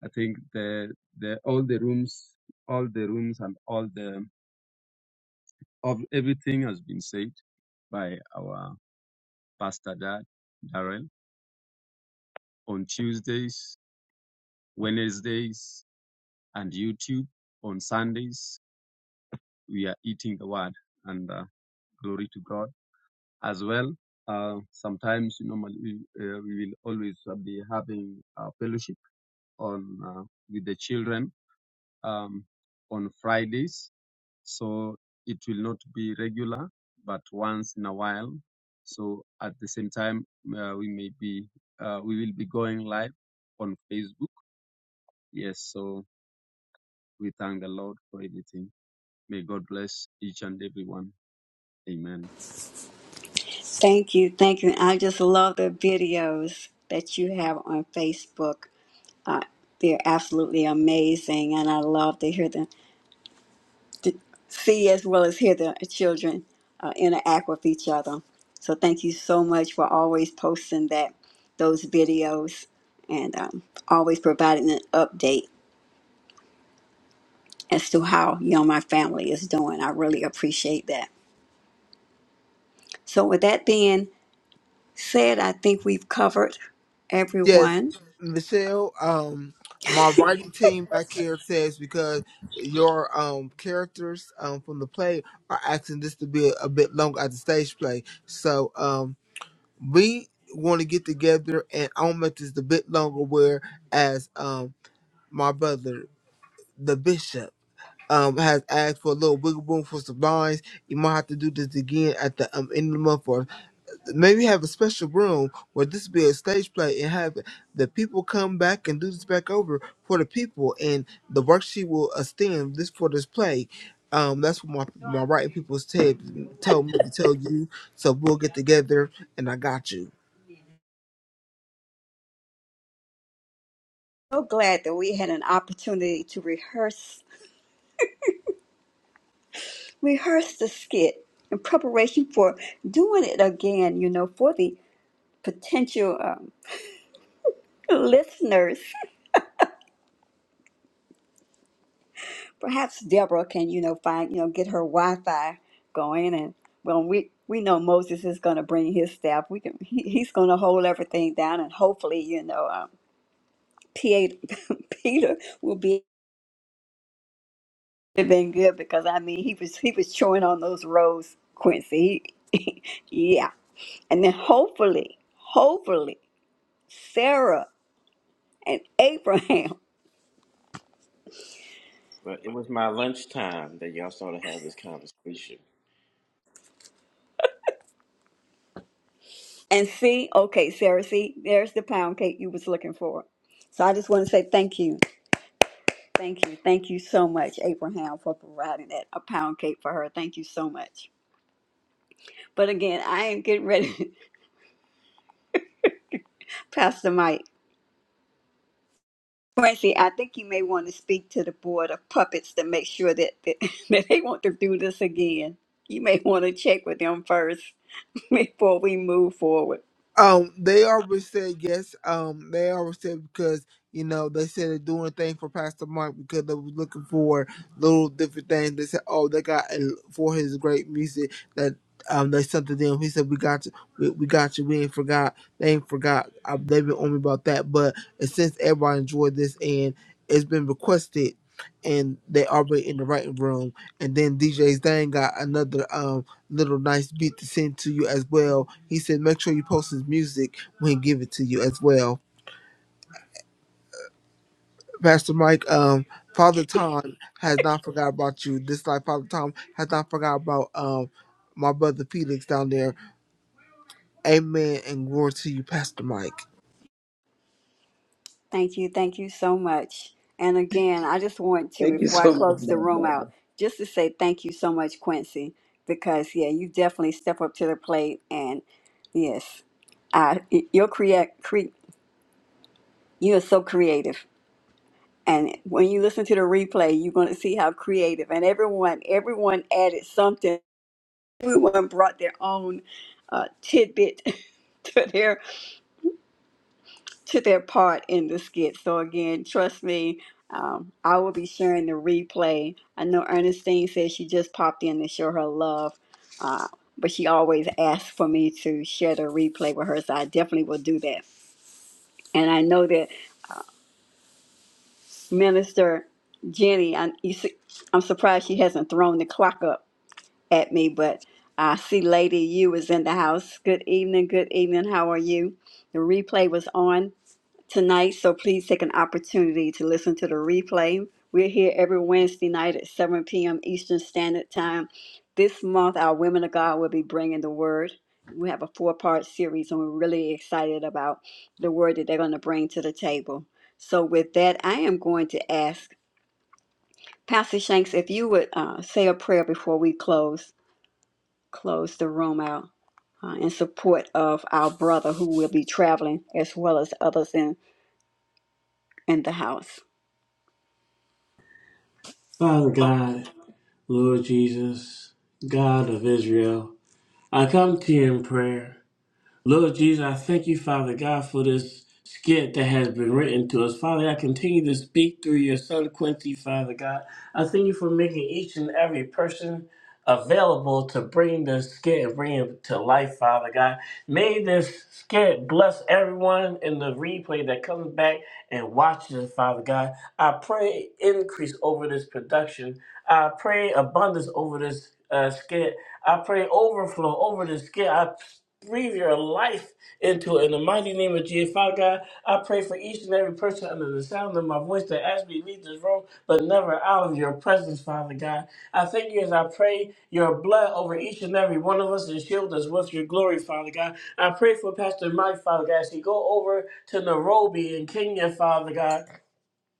S6: I think the the all the rooms, all the rooms, and all the of everything has been said by our pastor dad Darrell on Tuesdays, Wednesdays, and YouTube on Sundays we are eating the word and uh, glory to God as well. Uh, sometimes normally we, uh, we will always uh, be having uh, fellowship on uh, with the children um, on Fridays, so it will not be regular, but once in a while. So at the same time, uh, we may be uh, we will be going live on Facebook. Yes, so we thank the Lord for everything. May God bless each and every one. Amen.
S1: Thank you, thank you. I just love the videos that you have on Facebook. Uh, they're absolutely amazing, and I love to hear them. to see as well as hear the children uh, interact with each other. So thank you so much for always posting that those videos and um, always providing an update as to how you know my family is doing. I really appreciate that. So with that being said, I think we've covered
S8: Yes,
S1: everyone.
S8: Michelle. Um, my writing team back here says because your um characters um from the play are asking this to be a, a bit longer at the stage play. So um, we want to get together and I'll make this a bit longer. Where as um my brother, the bishop. Um, has asked for a little wiggle room for some lines. You might have to do this again at the um, end of the month for maybe have a special room where this be a stage play and have the people come back and do this back over for the people and the worksheet will extend this for this play. Um, that's what my my writing people said told me to tell you. So we'll get together and I got you.
S1: So glad that we had an opportunity to rehearse rehearse the skit in preparation for doing it again. You know, for the potential. uh, listeners. Perhaps Deborah can, you know, find, you know, get her Wi-Fi going, and well, we we know Moses is going to bring his staff. We can, he, he's going to hold everything down, and hopefully, you know, um, PA, Peter will be have been good because I mean, he was he was chewing on those rows, Quincy. He, yeah, and then hopefully, hopefully, Sarah and Abraham.
S5: But it was my lunchtime that y'all started having this conversation.
S1: And see, okay, Sarah, see, there's the pound cake you was looking for. So I just want to say thank you. Thank you. Thank you so much, Abraham, for providing that a pound cake for her. Thank you so much. But again, I am getting ready, Pastor Mike. Francie, I think you may want to speak to the board of puppets to make sure that, that, that they want to do this again. You may want to check with them first before we move forward.
S8: Um, they always said yes. Um, they always said because you know they said they're doing things for Pastor Mark because they were looking for little different things. They said, "Oh, they got a- for his great music that um they sent to them." He said, "We got you. We, we got you. We ain't forgot. They ain't forgot. I, they've been on me about that." But and since everybody enjoyed this and it's been requested, and they already in the writing room, and then DJ Zane got another. um, little nice beat to send to you as well. He said, make sure you post his music when he give it to you as well. Pastor Mike, um, Father Tom has not forgot about you. This life, Father Tom has not forgot about um my brother Felix down there. Amen and glory to you, Pastor Mike.
S1: Thank you. Thank you so much. And again, I just want to,
S2: Thank you
S1: before I
S2: so much,
S1: close the
S2: my
S1: room out,
S2: brother.
S1: just to say thank you so much, Quincy, because yeah, you definitely step up to the plate. And yes, I, you're create, cre- you are so creative. And when you listen to the replay, you're going to see how creative. And everyone, everyone added something. Everyone brought their own uh, tidbit to their to their part in the skit. So again, trust me, um, I will be sharing the replay. I know Ernestine says she just popped in to show her love, uh, but she always asks for me to share the replay with her, so I definitely will do that. And I know that Minister Jenny, I, you see, I'm surprised she hasn't thrown the clock up at me, but I see Lady U is in the house. Good evening, good evening. How are you? The replay was on tonight, so please take an opportunity to listen to the replay. We're here every Wednesday night at 7 p.m. Eastern Standard Time. This month, our Women of God will be bringing the word. We have a four part series, and we're really excited about the word that they're going to bring to the table. So, with that, I am going to ask Pastor Shanks if you would uh, say a prayer before we close close the room out uh, in support of our brother who will be traveling as well as others in, in the house.
S5: Father God, Lord Jesus, God of Israel, I come to you in prayer. Lord Jesus, I thank you, Father God, for this skit that has been written to us. Father, I continue to speak through your son Quincy, Father God. I thank you for making each and every person available to bring this skit and bring it to life, Father God. May this skit bless everyone in the replay that comes back and watches it, Father God. I pray increase over this production. I pray abundance over this uh, skit. I pray overflow over this skit. I breathe your life into it. In the mighty name of Jesus, Father God, I pray for each and every person under the sound of my voice that as we leave this room, but never out of your presence, Father God. I thank you as I pray your blood over each and every one of us and shield us with your glory, Father God. I pray for Pastor Mike, Father God, as he go over to Nairobi in Kenya, Father God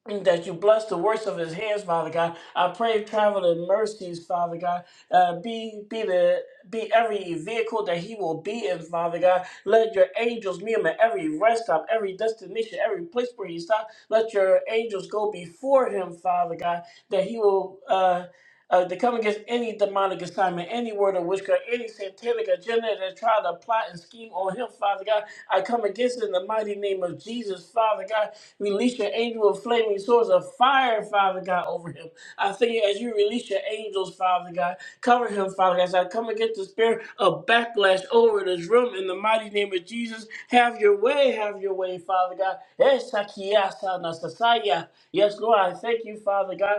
S5: and that you bless the works of his hands, Father God. I pray traveling mercies, Father God. Uh, be be the be every vehicle that he will be in, Father God. Let your angels meet him at every rest stop, every destination, every place where he stops. Let your angels go before him, Father God, that he will. Uh, uh, to come against any demonic assignment, any word of witchcraft, any satanic agenda that try to plot and scheme on him, Father God. I come against it in the mighty name of Jesus, Father God. Release your angel of flaming swords of fire, Father God, over him. I thank you as you release your angels, Father God. Cover him, Father God. As I come against the spirit of backlash over this room in the mighty name of Jesus. Have your way, have your way, Father God. Yes, Sakia, Sana, Sasaya. Yes, Lord, I thank you, Father God.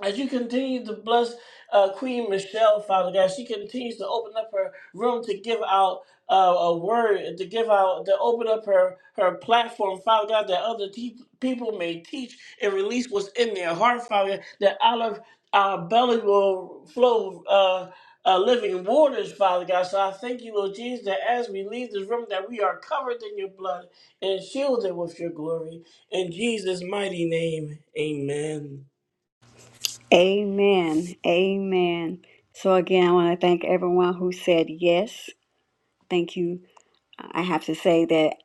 S5: As you continue to bless uh, Queen Michelle, Father God, she continues to open up her room to give out uh, a word, to give out, to open up her her platform, Father God, that other te- people may teach and release what's in their heart, Father God, that out of our belly will flow. Uh, uh, living waters, Father God. So I thank you, Lord Jesus, that as we leave this room, that we are covered in your blood and shielded with your glory. In Jesus' mighty name, amen.
S1: Amen. Amen. So, again, I want to thank everyone who said yes. Thank you. I have to say that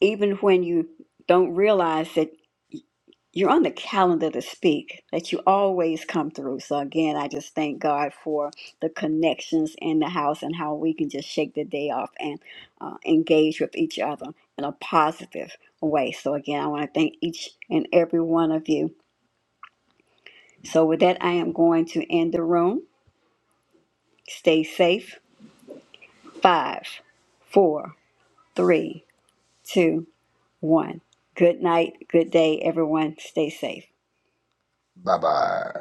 S1: even when you don't realize that you're on the calendar to speak, that you always come through. So, again, I just thank God for the connections in the house and how we can just shake the day off and uh, engage with each other in a positive way. So, again, I want to thank each and every one of you. So, with that, I am going to end the room. Stay safe Five, four, three, two, one. Good night. Good day, everyone. Stay safe.
S2: Bye bye.